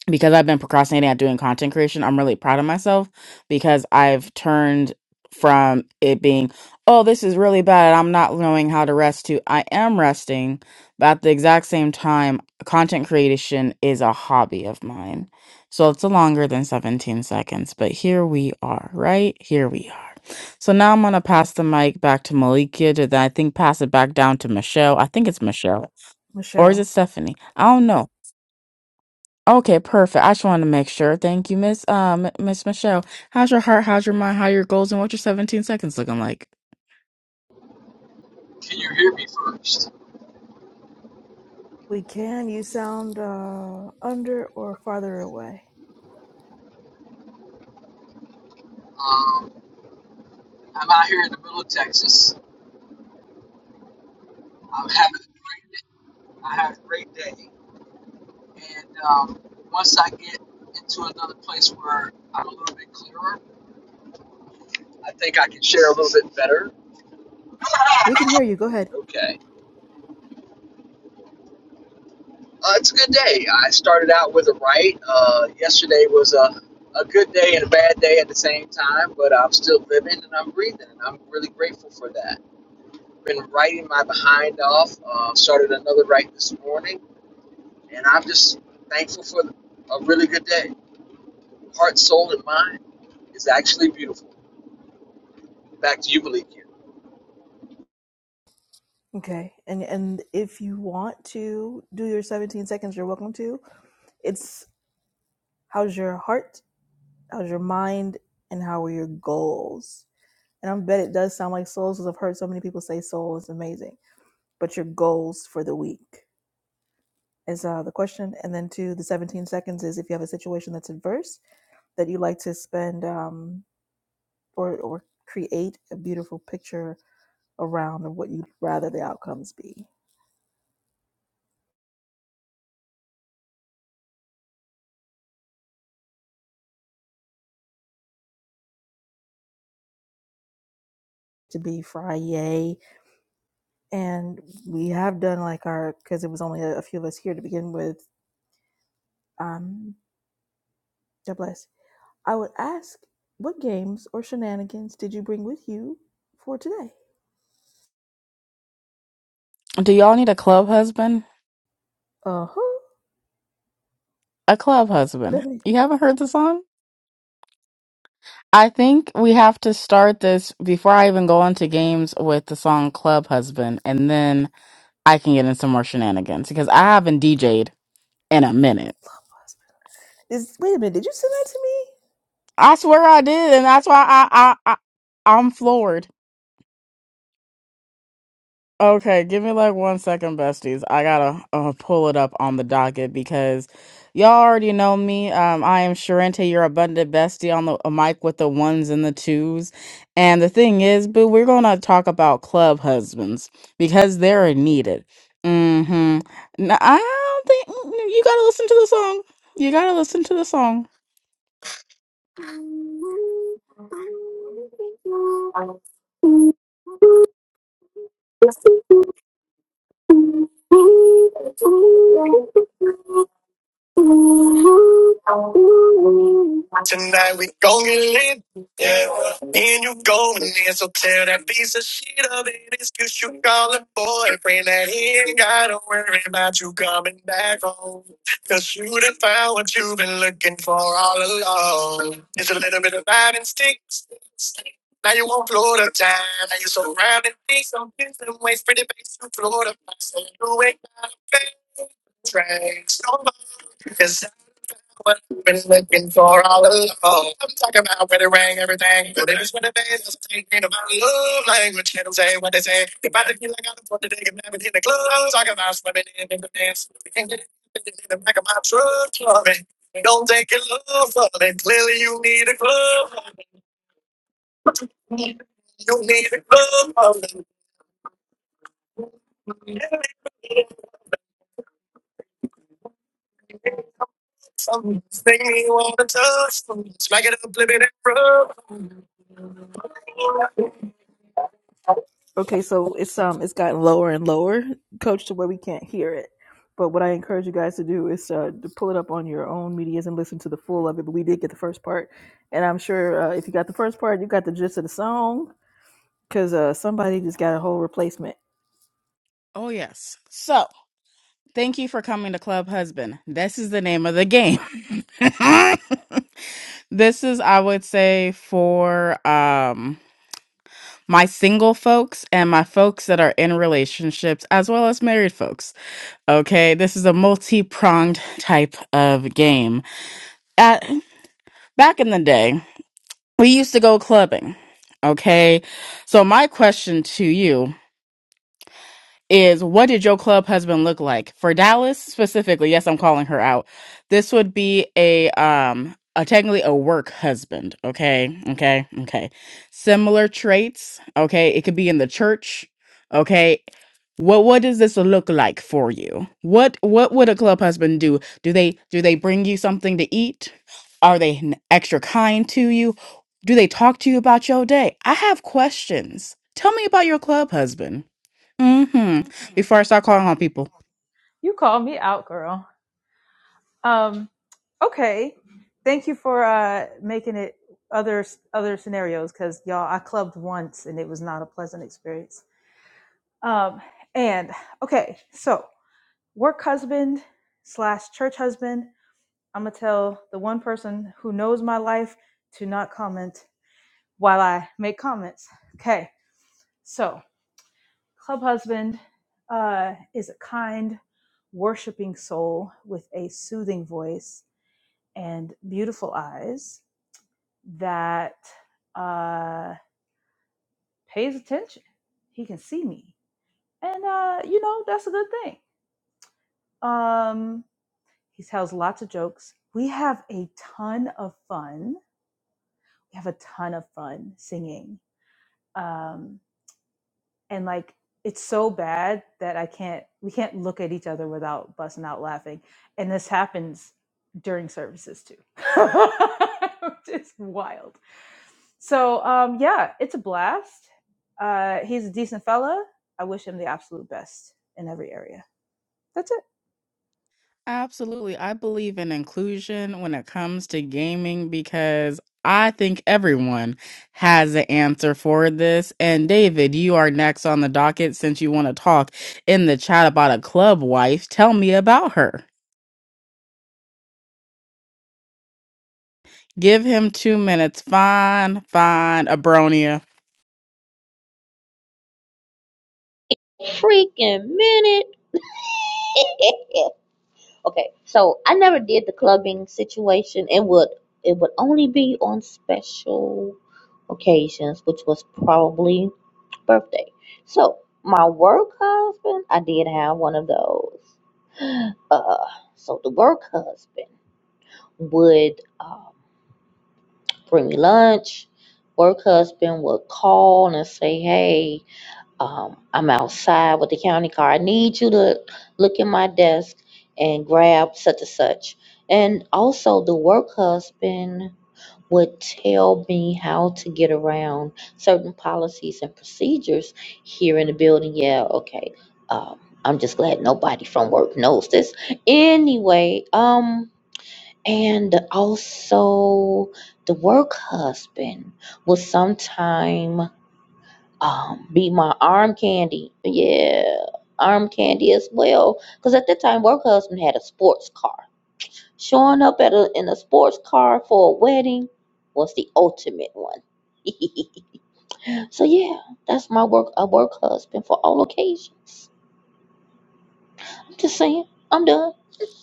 S7: because I've been procrastinating at doing content creation, I'm really proud of myself because I've turned from it being, oh, this is really bad. I'm not knowing how to rest to I am resting. But at the exact same time, content creation is a hobby of mine. So it's a longer than 17 seconds, but here we are, right? Here we are. So now I'm going to pass the mic back to Malikia to then I think pass it back down to Michelle. I think it's Michelle. Or is it
S1: Michelle,
S7: Stephanie? I don't know. Okay, perfect. I just wanted to make sure. Thank you, Miss um Miss Michelle. How's your heart? How's your mind? How are your goals? And what's your 17 seconds looking like?
S8: Can you hear me first?
S1: we can. You sound uh, under or farther away.
S8: Um, I'm out here in the middle of Texas. I'm having a great day. I have a great day. And um, once I get into another place where I'm a little bit clearer, I think I can share a little bit better.
S1: We can hear you. Go ahead.
S8: Okay. Uh, it's a good day. I started out with a right. Uh, yesterday was a, a good day and a bad day at the same time, but I'm still living and I'm breathing. And I'm really grateful for that. Been writing my behind off. Uh, started another right this morning And I'm just thankful for a really good day. Heart, soul, and mind is actually beautiful. Back to you, Malikia.
S1: Okay. And and if you want to do your 17 seconds, you're welcome to. It's how's your heart? How's your mind and how are your goals? And I bet it does sound like souls because I've heard so many people say soul is amazing, but your goals for the week is uh, the question. And then to the 17 seconds is if you have a situation that's adverse that you like to spend um, or, or create a beautiful picture around and what you'd rather the outcomes be. To be Friday, and we have done like our because it was only a, a few of us here to begin with. Um, God bless. I would ask, what games or shenanigans did you bring with you for today?
S7: Do y'all need a club husband?
S1: Uh huh.
S7: A club
S1: What do I
S7: husband.
S1: mean?
S7: You haven't heard the song? I think we have to start this before I even go into games with the song Club Husband, and then I can get in some more shenanigans because I haven't DJ'd in a minute.
S1: Is wait a minute? Did you send that to me?
S7: I swear I did, and that's why I I, I I'm floored. Okay, give me like one second, besties. I gotta uh, pull it up on the docket because y'all already know me. Um, I am Sharente, your abundant bestie on the a mic with the ones and the twos. And the thing is, boo, we're gonna talk about club husbands because they're needed. Mm-hmm. No, I don't think mm, you gotta listen to the song. You gotta listen to the song. Thank you. Tonight we gon' get lit, yeah. Me and you goin' in, so tell that piece of shit of an Excuse you call a boyfriend that he ain't gotta worry about you coming back home. Cause you done found what you've been looking for all along. It's a little bit of vibe and sticks. Now you won't float the time. Now you surrounded me, so different ways, pretty face, you float up. So you ain't got a train. Cause what we've been looking for all along. I'm talking about when it rang, everything. But it is what it is. That's what they mean about love language. They don't say what they say. If I didn't feel like I was born today, I'm in the club. Talking about swimming in the dance. In the in the back of my truck, sorry. Don't take your love for it. Clearly, you need a club. You need a club. Something you wanna touch. Smack it up, flip it and rub.
S1: Okay, so it's um it's gotten lower and lower, coach, to where we can't hear it. But what I encourage you guys to do is uh, to pull it up on your own medias and listen to the full of it. But we did get the first part, and I'm sure uh, if you got the first part, you got the gist of the song because uh, somebody just got a whole replacement.
S7: Oh yes. So thank you for coming to Club Husband. This is the name of the game. this is I would say for um my single folks and my folks that are in relationships as well as married folks. Okay, this is a multi-pronged type of game. At back in the day. We used to go clubbing. Okay. So my question to you is what did your club husband look like for Dallas specifically? Yes, I'm calling her out. This would be a um a technically a work husband. Okay, okay, okay. Similar traits. Okay, it could be in the church. Okay. What what does this look like for you? What what would a club husband do? Do they do they bring you something to eat? Are they n- extra kind to you? Do they talk to you about your day? I have questions. Tell me about your club husband hmm
S3: Mhm.
S7: Before I start calling on people.
S3: You call me out, girl. Um, okay. Thank you for uh, making it other other scenarios because y'all, I clubbed once and it was not a pleasant experience. Um, and okay, so work husband slash church husband. I'm gonna tell the one person who knows my life to not comment while I make comments. Okay, so club husband uh, is a kind, worshiping soul with a soothing voice and beautiful eyes that uh, pays attention. He can see me, and uh, you know that's a good thing. Um, He tells lots of jokes. We have a ton of fun. We have a ton of fun singing. Um, and like, it's so bad that I can't, we can't look at each other without busting out laughing. And this happens during services too, which is wild. So, um, yeah, it's a blast. Uh, he's a decent fella. I wish him the absolute best in every area. That's it.
S7: Absolutely. I believe in inclusion when it comes to gaming because I think everyone has an answer for this. And David, you are next on the docket since you want to talk in the chat about a club wife. Tell me about her. Give him two minutes. Fine, fine, Abronia.
S2: Freaking minute. okay, so I never did the clubbing situation. It would it would only be on special occasions, which was probably birthday. So my work husband, I did have one of those. Uh, so the work husband would. uh. bring me lunch. Work husband would call and say, Hey, um, I'm outside with the county car. I need you to look in my desk and grab such and such. And also, the work husband would tell me how to get around certain policies and procedures here in the building. Yeah, okay. Um, I'm just glad nobody from work knows this. Anyway, um, and also the work husband will sometime um, be my arm candy. Yeah, arm candy as well. Because at that time, work husband had a sports car. Showing up at a, in a sports car for a wedding was the ultimate one. so yeah, that's my work a work husband for all occasions. I'm just saying, I'm done.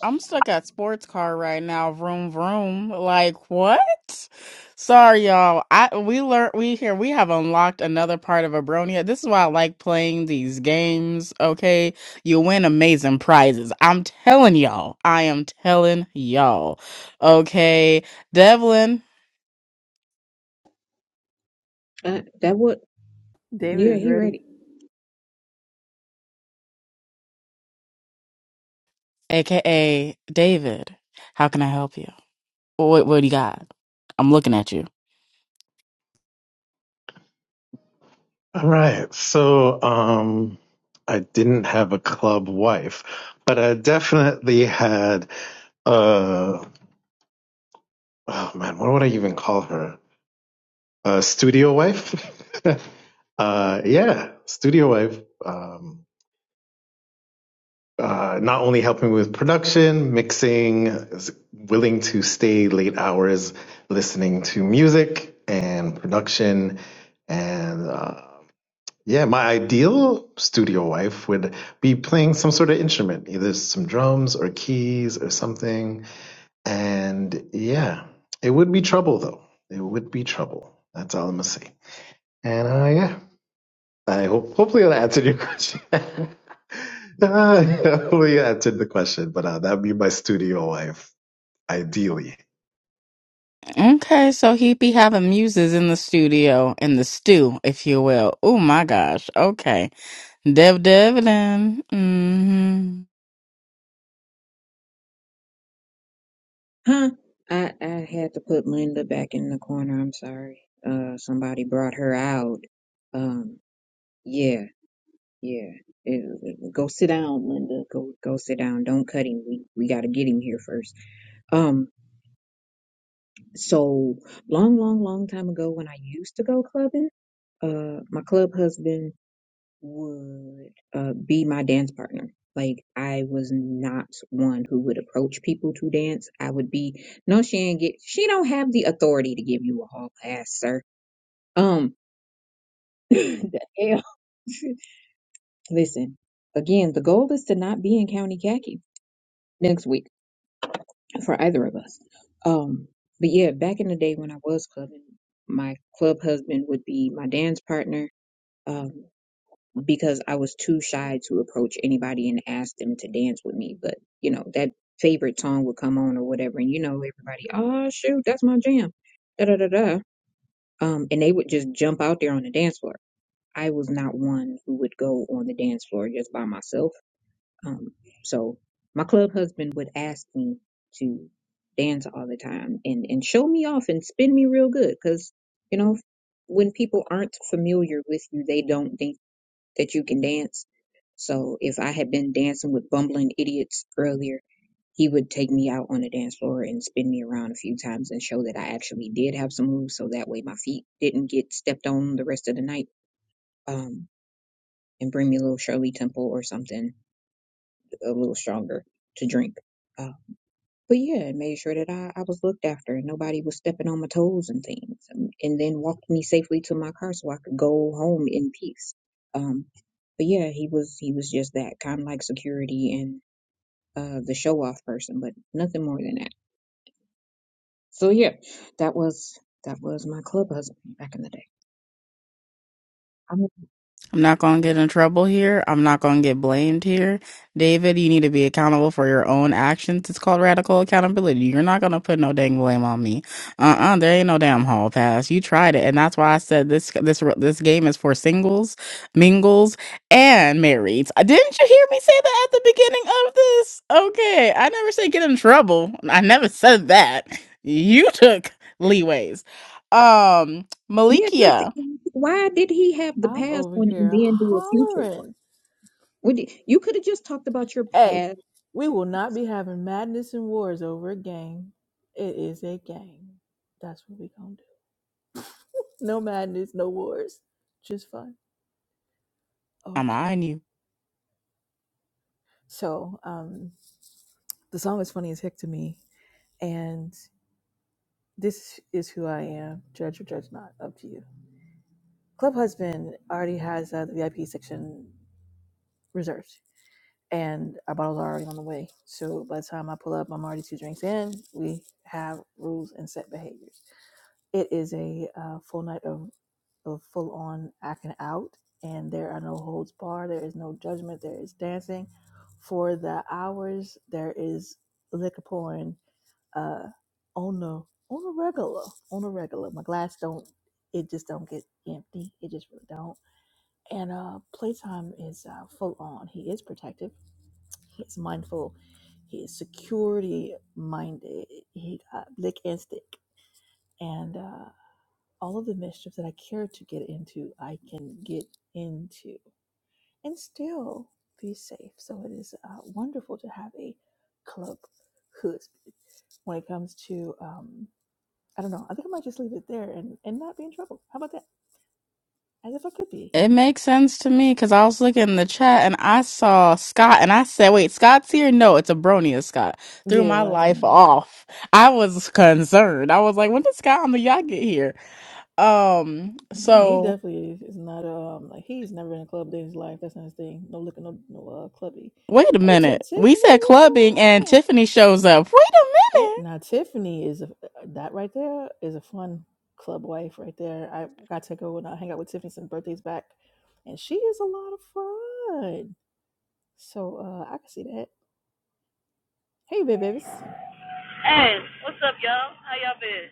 S7: I'm stuck at sports car right now. Vroom vroom. Like what? Sorry, y'all. I we learned we here we have unlocked another part of Abronia. This is why I like playing these games. Okay, you win amazing prizes. I'm telling y'all. I am telling y'all. Okay, Devlin,
S5: Uh, that would,
S1: David
S5: yeah,
S1: is
S5: he
S1: ready.
S5: ready.
S7: aka David. How can I help you? What What do you got? I'm looking at you.
S6: All right. So, um, I didn't have a club wife, but I definitely had uh oh man, what would I even call her? A studio wife? uh yeah, studio wife. Um uh, not only helping with production, mixing, is willing to stay late hours listening to music and production and uh, Yeah, my ideal studio wife would be playing some sort of instrument, either some drums or keys or something. And yeah, it would be trouble though. It would be trouble. That's all I'm gonna say. And uh, yeah, I hope hopefully that answered your question. uh, hopefully I answered the question, but uh, that'd be my studio wife, ideally.
S7: Okay, so he be having muses in the studio, in the stew, if you will. Oh my gosh. Okay. Dev Devlin. Mm-hmm.
S5: Huh? I, I had to put Linda back in the corner. I'm sorry. Uh, somebody brought her out. Um, yeah, yeah. It- it- go sit down, Linda. Go, go sit down. Don't cut him. We, we gotta get him here first. Um, so long, long, long time ago when I used to go clubbing, uh, my club husband would uh, be my dance partner. Like I was not one who would approach people to dance. I would be, no, she ain't get, she don't have the authority to give you a hall pass, sir. Um, the hell? listen, again, the goal is to not be in county khaki next week. for either of us. Um, but yeah, back in the day when I was clubbing, my club husband would be my dance partner um, because I was too shy to approach anybody and ask them to dance with me. But you know that favorite song would come on or whatever, and you know everybody, oh shoot, that's my jam, da da da da. Um, and they would just jump out there on the dance floor. I was not one who would go on the dance floor just by myself um, so my club husband would ask me to dance all the time and, and show me off and spin me real good. Cause you know, when people aren't familiar with you, they don't think that you can dance. So if I had been dancing with bumbling idiots earlier, he would take me out on the dance floor and spin me around a few times and show that I actually did have some moves. So that way my feet didn't get stepped on the rest of the night. Um, and bring me a little Shirley Temple or something a little stronger to drink. Uh, but yeah, it made sure that I, I was looked after and nobody was stepping on my toes and things. And, and then walked me safely to my car so I could go home in peace. Um, but yeah, he was he was just that kind of like security and uh, the show off person, but nothing more than that. So yeah, that was that was my club husband back in the day. I mean,
S7: I'm not going to get in trouble here. I'm not going to get blamed here. David, you need to be accountable for your own actions. It's called radical accountability. You're not going to put no dang blame on me. Uh-uh, there ain't no damn hall pass. You tried it, and that's why I said this this this game is for singles, mingles, and marrieds. Uh, Didn't you hear me say that at the beginning of this? Okay, I never said get in trouble. I never said that. You took leeways. Um,
S5: yeah,
S7: Malikia,
S5: 'cause why did he have the
S1: I'm
S5: past
S1: over
S5: one and
S1: here
S5: then do a future one?
S1: hollering.
S5: Would you could have just talked about your
S1: Hey,
S5: past.
S1: we will not be having madness and wars over a game. It is a game. That's what we gonna do. No madness, no wars, just fun.
S7: I'm
S1: Okay.
S7: eyeing you.
S1: So, um, the song is funny as heck to me, and this is who I am. Judge or judge not, up to you. Club Husband already has uh, the VIP section reserved, and our bottles are already on the way. So by the time I pull up, I'm already two drinks in. We have rules and set behaviors. It is a uh, full night of, of full on acting out, and there are no holds barred. There is no judgment. There is dancing for the hours. There is liquor pouring uh, on the on the regular on the regular. My glass don't it just don't get empty. It just really don't. And uh, playtime is uh, full on. He is protective. He is mindful. He is security minded. He got lick and stick. And uh, all of the mischief that I care to get into, I can get into and still be safe. So it is uh, wonderful to have a club hood when it comes to, um, I don't know, I think I might just leave it there and, and not be in trouble. How about that? As if I could be.
S7: It makes sense to me because I was looking in the chat and I saw Scott and I said, wait, Scott's here? No, it's Abronia Scott. Threw
S1: Yeah,
S7: my
S1: last
S7: life
S1: night.
S7: off. I was concerned. I was like, when did Scott on the yacht get here? Um,
S1: Uh, He
S7: so
S1: definitely is, is not um like he's never in a club day in his life. That's not his thing. No looking no no uh clubby.
S7: wait a
S1: Hey Tiff
S7: minute. We
S1: Tiffany,
S7: said
S1: what's
S7: clubbing and
S1: going on?
S7: Tiffany shows up. Wait a
S1: Hey,
S7: minute.
S1: now Tiffany is a, uh, that right there is a fun club wife right there. I got to go and uh, hang out with Tiffany some birthdays back, and she is a lot of fun. So uh, I can see that. Hey, babe, babies,
S9: Hey, what's up, y'all? How y'all been?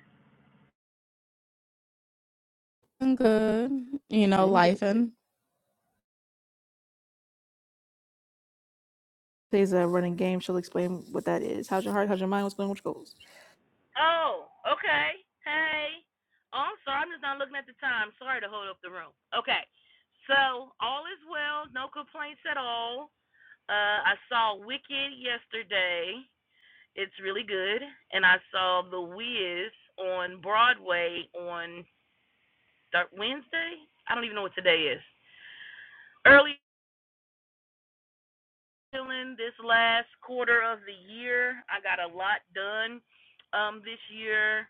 S7: I'm good. You know,
S1: been good, babe.
S7: life
S1: Today's a running game. She'll explain what that is. How's your heart? How's your mind? What's going on? What's your goals?
S9: Oh, okay. Hey. Oh, I'm sorry. I'm just not looking at the time. Sorry to hold up the room. Okay. So, all is well. No complaints at all. Uh, I saw Wicked yesterday. It's really good. And I saw The Wiz on Broadway on th- Wednesday. I don't even know what today is. Early feeling this last quarter of the year. I got a lot done um, this year,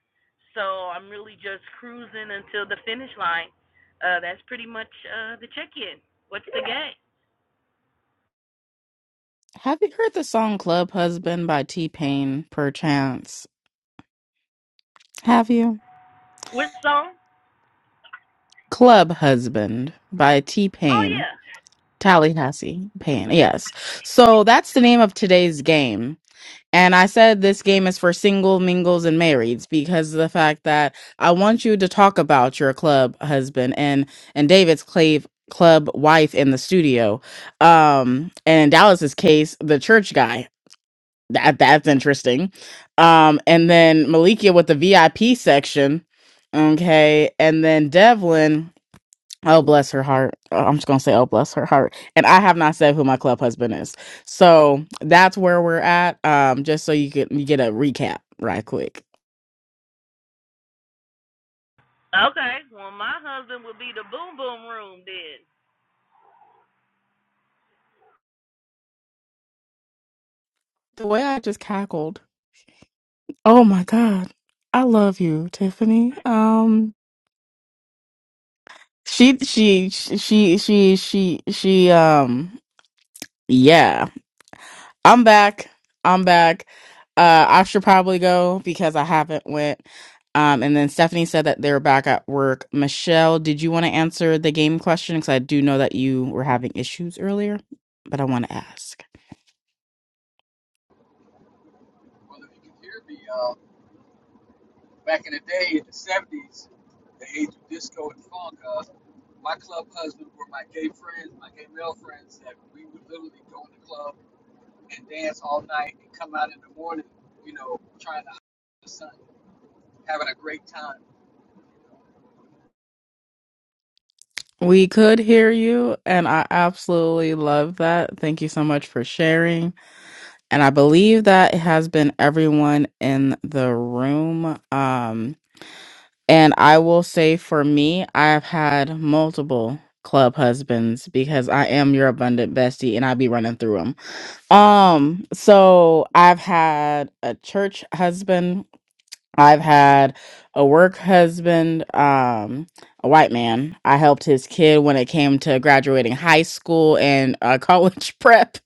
S9: so I'm really just cruising until the finish line. Uh, that's pretty much uh, the check-in. What's the game?
S7: Have you heard the song Club Husband by T Pain, perchance? Have you?
S9: What song?
S7: Club Husband by T
S9: Oh
S7: Pain.
S9: yeah.
S7: Tallahassee Pain, yes. So that's the name of today's game. And I said this game is for single, mingles, and marrieds because of the fact that I want you to talk about your club husband and and David's clave club wife in the studio. Um, and in Dallas's case, the church guy. That that's interesting. Um, and then Malikia with the VIP section. Okay, and then Devlin. Oh bless her heart. Uh, I'm just gonna say, oh bless her heart. And I have not said who my club husband is, so that's where we're at. Um, just so you can you get a recap right quick.
S9: Okay. Well, my husband would be the Boom Boom Room then.
S7: The way I just cackled. Oh my god, I love you, Tiffany. Um, she she she she she she she um yeah I'm back. I'm back. Uh, I should probably go because I haven't went. Um, and then Stephanie said that they're back at work. Michelle, did you want to answer the game question? Because I do know that you were having issues earlier, but I want to ask.
S8: Well, if you can hear me, uh, back in the day in the 70s, the age of disco and funk. Uh, my club husband were my gay friends, my gay male friends, that we would literally go in the club and dance all night and come out in the morning, you know, trying to hide the sun, having a great time.
S7: We could hear you, and I absolutely love that. Thank you so much for sharing. and I believe that has been everyone in the room. Um, and I will say for me, I've had multiple club husbands because I am your abundant bestie and I be running through them. Um, so I've had a church husband I've had a work husband, um, a white man. I helped his kid when it came to graduating high school and uh, college prep.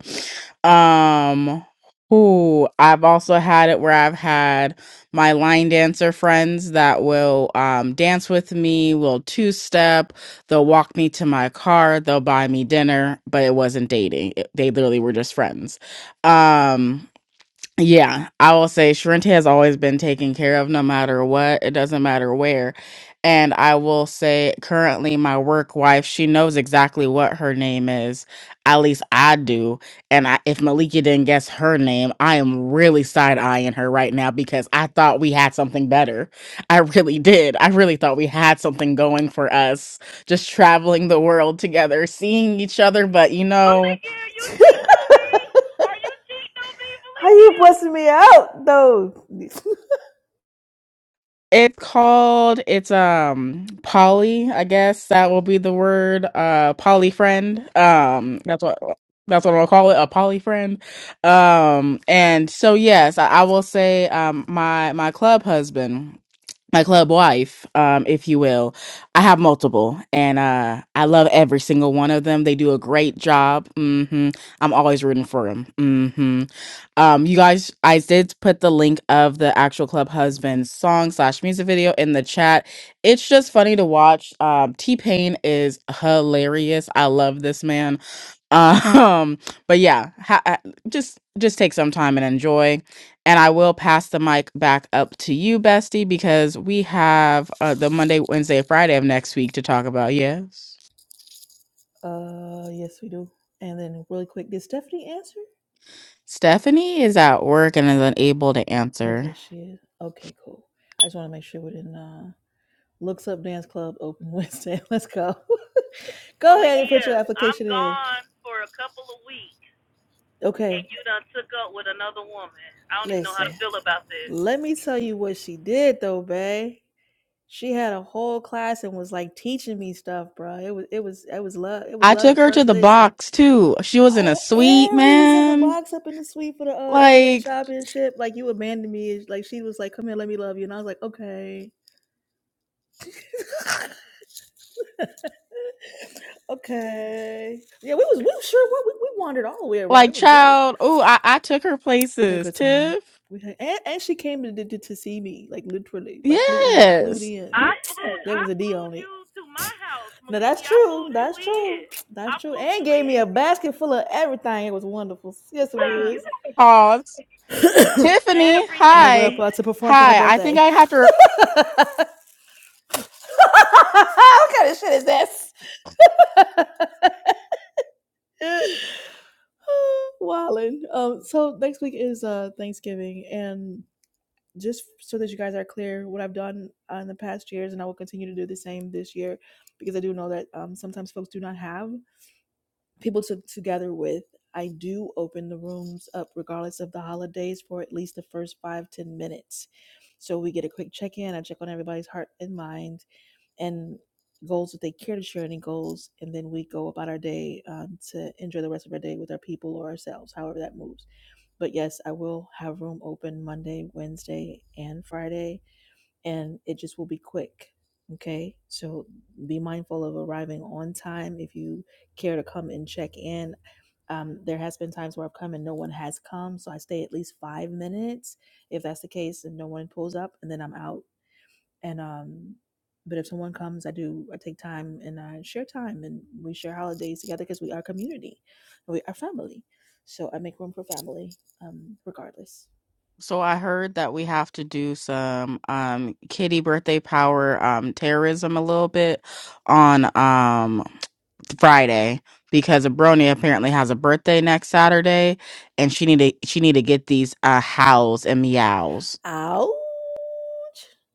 S7: Um, who I've also had it where I've had my line dancer friends that will um, dance with me, will two step, they'll walk me to my car, they'll buy me dinner, but it wasn't dating. It, they literally were just friends. Um, yeah, I will say Shrint has always been taken care of no matter what. It doesn't matter where. And I will say currently my work wife, she knows exactly what her name is. At least I do. And I, if Malika didn't guess her name, I am really side-eyeing her right now because I thought we had something better. I really did. I really thought we had something going for us, just traveling the world together, seeing each other, but you know,
S9: Malikia, are you cheating on me? Are you cheating on me,
S1: How you
S9: Malikia?
S1: busting me out though?
S7: It's called it's um poly, I guess that will be the word. Uh poly friend. Um that's what that's what I'll call it, a poly friend. Um and so yes, I, I will say um my my club husband my club wife, um, if you will. I have multiple, and uh, I love every single one of them. They do a great job. hmm I'm always rooting for them. hmm Um, you guys, I did put the link of the actual Club Husband song slash music video in the chat. It's just funny to watch. Um, T Pain is hilarious. I love this man. Um, but yeah, ha- ha- just just take some time and enjoy. And I will pass the mic back up to you, Bestie, because we have uh, the Monday, Wednesday, Friday of next week to talk about. Yes.
S1: Uh, yes, we do. And then really quick, did Stephanie answer?
S7: Stephanie is at work and is unable to answer.
S1: Okay, she is. Okay, cool. I just want to make sure we didn't. uh Looks up dance club open Wednesday. Let's go. go ahead and
S9: Malikia,
S1: put your
S9: I'm
S1: application in.
S9: gone for a couple of weeks. and
S1: Okay,
S9: you done took up with another woman. I don't even know how
S1: listen.
S9: to feel about this.
S1: Let me tell you what she did though, bae. She had a whole class and was like teaching me stuff, bro. It was it was it was love. It was
S7: I
S1: love
S7: took
S1: at
S7: her to
S1: first
S7: the
S1: listen.
S7: box too. She was in a
S1: Oh,
S7: suite,
S1: and we was in the
S7: man.
S1: box up in the suite for the uh, NBA
S7: Like,
S1: championship. Like you abandoned me. Like she was like, "Come here, let me love you," and I was like, "Okay, okay." Yeah, we was we was sure we we wandered all the way around.
S7: like
S1: It was great.
S7: child. Oh, I, I took her
S1: We had a
S7: places.
S1: good time.
S7: Tiff.
S1: We had, and, and she came to, to to see me, like literally, like flew in, flew
S7: Yes.
S1: in.
S9: I flew
S1: There was
S9: I
S1: a D
S9: flew
S1: on it.
S9: you to my house,
S1: Now
S9: Maliki.
S1: that's
S9: I flew
S1: true.
S9: you
S1: That's
S9: in.
S1: true.
S9: I
S1: That's true.
S9: flew
S1: And
S9: you
S1: gave me
S9: in.
S1: a basket full of everything. It was wonderful. Yes, it
S9: Wait,
S1: was.
S7: Aw, Tiffany.
S1: when I went
S7: Hi.
S1: up
S9: Everything.
S1: uh, to perform for her
S7: Hi. I think
S1: birthday.
S7: I have to.
S1: what kind of shit is this? Wildin'. Um, so next week is uh Thanksgiving, and just so that you guys are clear what I've done uh, in the past years, and I will continue to do the same this year because I do know that um, sometimes folks do not have people to, to gather with. I do open the rooms up regardless of the holidays for at least the first five ten minutes. So we get a quick check in. I check on everybody's heart and mind and goals that they care to share, any goals, and then we go about our day um, to enjoy the rest of our day with our people or ourselves, however that moves. But yes, I will have room open Monday, Wednesday, and Friday and it just will be quick. Okay, so be mindful of arriving on time if you care to come and check in. Um, there has been times where I've come and no one has come, so I stay at least five minutes if that's the case, and no one pulls up, and then I'm out. And um, but if someone comes, I do I take time and I share time, and we share holidays together because we are community, we are family. So I make room for family, um, regardless.
S7: So I heard that we have to do some um kitty birthday power um terrorism a little bit on um Friday because a Brony apparently has a birthday next Saturday and she need to she need to get these uh howls and meows.
S1: Ouch.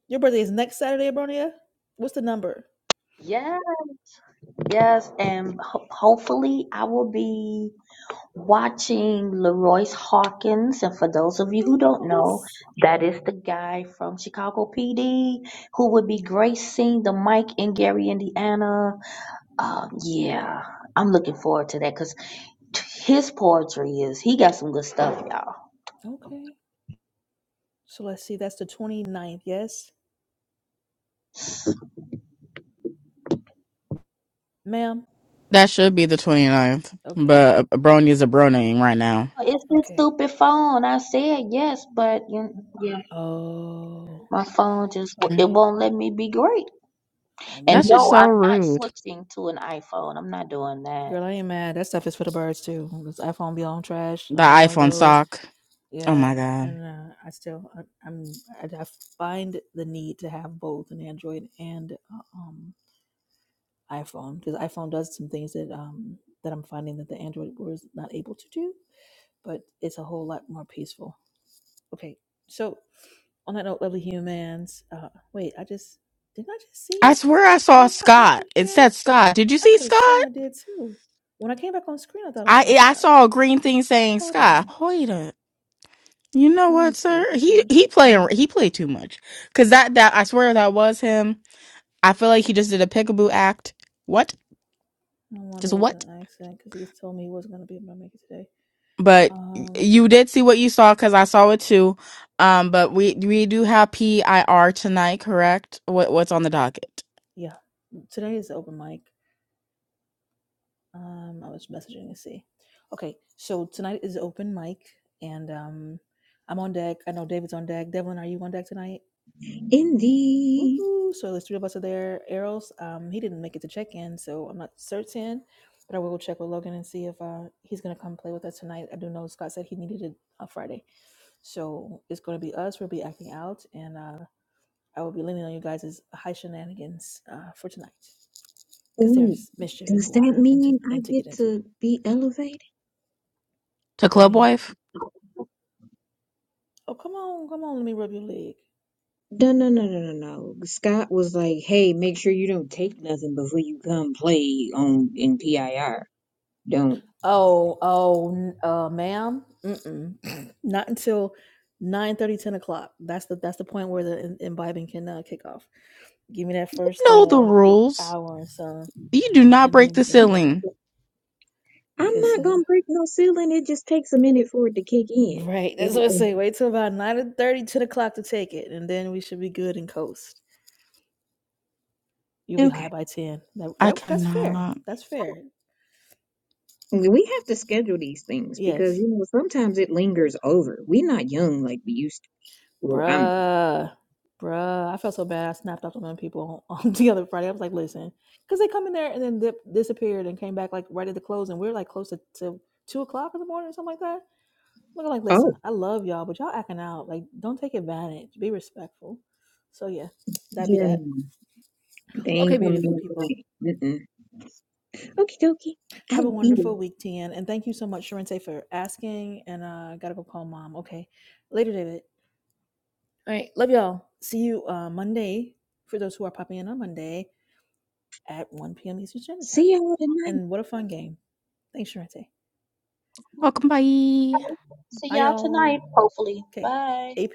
S1: Your birthday is next Saturday, Abronia? What's the number?
S2: Yeah, yes, and ho- hopefully I will be watching Leroyce Hawkins, and for those of you who don't know, that is the guy from Chicago PD who would be gracing the mic in Gary, Indiana. Uh, yeah, I'm looking forward to that because his poetry is he got some good stuff, y'all.
S1: Okay. So let's see. That's the twenty ninth, Yes, ma'am?
S7: That should be the 29th,
S1: Okay.
S7: but a Brony is a Brony right now.
S2: It's this
S1: Okay.
S2: stupid phone. I said yes, but you yeah,
S1: Oh,
S2: my phone just
S7: Mm.
S2: it
S1: okay.
S2: won't let me be great.
S1: Phone be
S2: And
S7: That's
S1: on
S7: just
S2: no,
S1: hold.
S7: so
S2: I'm not
S7: rude.
S2: switching to an iPhone. I'm not doing that.
S1: Girl, I ain't mad. That stuff is for the birds too. This iPhone be on trash. I
S7: The
S1: have one of
S7: iPhone
S1: those.
S7: sock. Oh
S1: Yeah.
S7: my god.
S1: And uh, I still, I, I'm, I, I find the need to have both an Android and uh, um iPhone because iPhone does some things that um that I'm finding that the Android was not able to do, but it's a whole lot more peaceful. Okay, so on that note, lovely humans. Uh, wait, I just didn't I just
S7: I
S1: see
S7: swear I
S1: when
S7: saw
S1: I popped back
S7: Scott.
S1: in
S7: It
S1: here?
S7: said Scott. Did you
S1: I
S7: see
S1: could have
S7: Scott?
S1: sworn I did too. When I came back on screen, I thought I saw
S7: I I
S1: Scott.
S7: saw a green thing saying
S1: Hold
S7: Sky.
S1: on,
S7: Wait a, you know
S1: let me
S7: what,
S1: see
S7: sir?
S1: if he's
S7: He
S1: trying to
S7: he
S1: check
S7: playing
S1: in.
S7: he played too much because that that I swear that was him. I feel like he just did a peekaboo act. What?
S1: No wonder
S7: Just
S1: it was
S7: what?
S1: an accident because he told me he wasn't going to be able to make it today.
S7: but
S1: Um,
S7: you did see what you saw because I saw it too. Um, but we we do have PIR tonight, correct? What what's on the docket?
S1: yeah, today is open mic. Um, I was messaging to see. Okay, so tonight is open mic, and um, I'm on deck. I know David's on deck. Devlin, are you on deck tonight?
S5: Indeed.
S1: Woohoo! So there's three of us are there. Errol's, um, he didn't make it to check in, so I'm not certain, but I will go check with Logan and see if uh, he's gonna come play with us tonight. I do know Scott said he needed it on Friday, so it's gonna be us. We'll be acting out, and uh, I will be leaning on you guys' high shenanigans uh, for tonight, because
S5: Ooh,
S1: there's mischief in
S5: does
S1: the
S5: that
S1: water and to
S5: mean I
S1: and to get
S5: get
S1: into.
S5: to be elevated?
S7: To
S1: But that
S7: club
S1: means.
S7: wife,
S1: Oh, come on, come on. Let me rub your leg.
S5: No, no, no, no, no, no. Scott was like, "Hey, make sure you don't take nothing before you come play on in PIR. Don't."
S1: Oh, oh, uh, ma'am. Mm-mm. Not until 9 30, 10 o'clock. That's the that's the point where the im- imbibing can uh, kick off. Give me that
S7: you
S1: first
S7: know the
S1: uh,
S7: rules.
S1: hour and some,
S7: You do not
S1: and
S7: break
S1: then
S7: the
S1: we can blaze.
S7: ceiling.
S5: I'm
S1: Cause
S5: not
S1: uh,
S5: gonna break no ceiling. It just takes a minute for it to kick in.
S1: right, that's what I say. Wait till about 9 30, 10 o'clock to take it, and then we should be good and coast. You'll be
S5: Okay,
S1: high by ten. That,
S7: I
S1: that that's fair.
S7: cannot.
S1: That's fair.
S5: we have to schedule these things because
S1: Yes.
S5: you know sometimes it lingers over. We're not young like we used to. Well, I'm.
S1: bruh, bruh. I felt so bad. I snapped off the young people on the other Friday. I was like, listen, because they come in there and then dip, disappeared and came back like right at the close, and we were like close to, to two o'clock in the morning or something like that. Looking like,
S5: Oh,
S1: listen, I love y'all, but y'all acting out. Like, don't take advantage. Be respectful. So yeah, that be
S5: yeah,
S1: that.
S5: no. they
S1: Okay,
S5: ain't coming
S1: beautiful
S5: in
S1: people.
S5: tonight. Mm-mm. Okie dokie. I
S1: Have a
S5: will be there.
S1: wonderful week, TN. And thank you so much, Sharente, for asking. And uh gotta go call mom. Okay. Later, David. All right. Love y'all. See you uh Monday for those who are popping in on Monday. at 1 p.m. Eastern Standard Time.
S5: See y'all tonight.
S1: And what a fun game. Thanks, Sharente.
S7: Welcome, bye.
S2: See
S1: Bye,
S2: y'all tonight,
S1: y'all.
S2: hopefully.
S1: Okay,
S2: Bye.
S1: 8 p.m.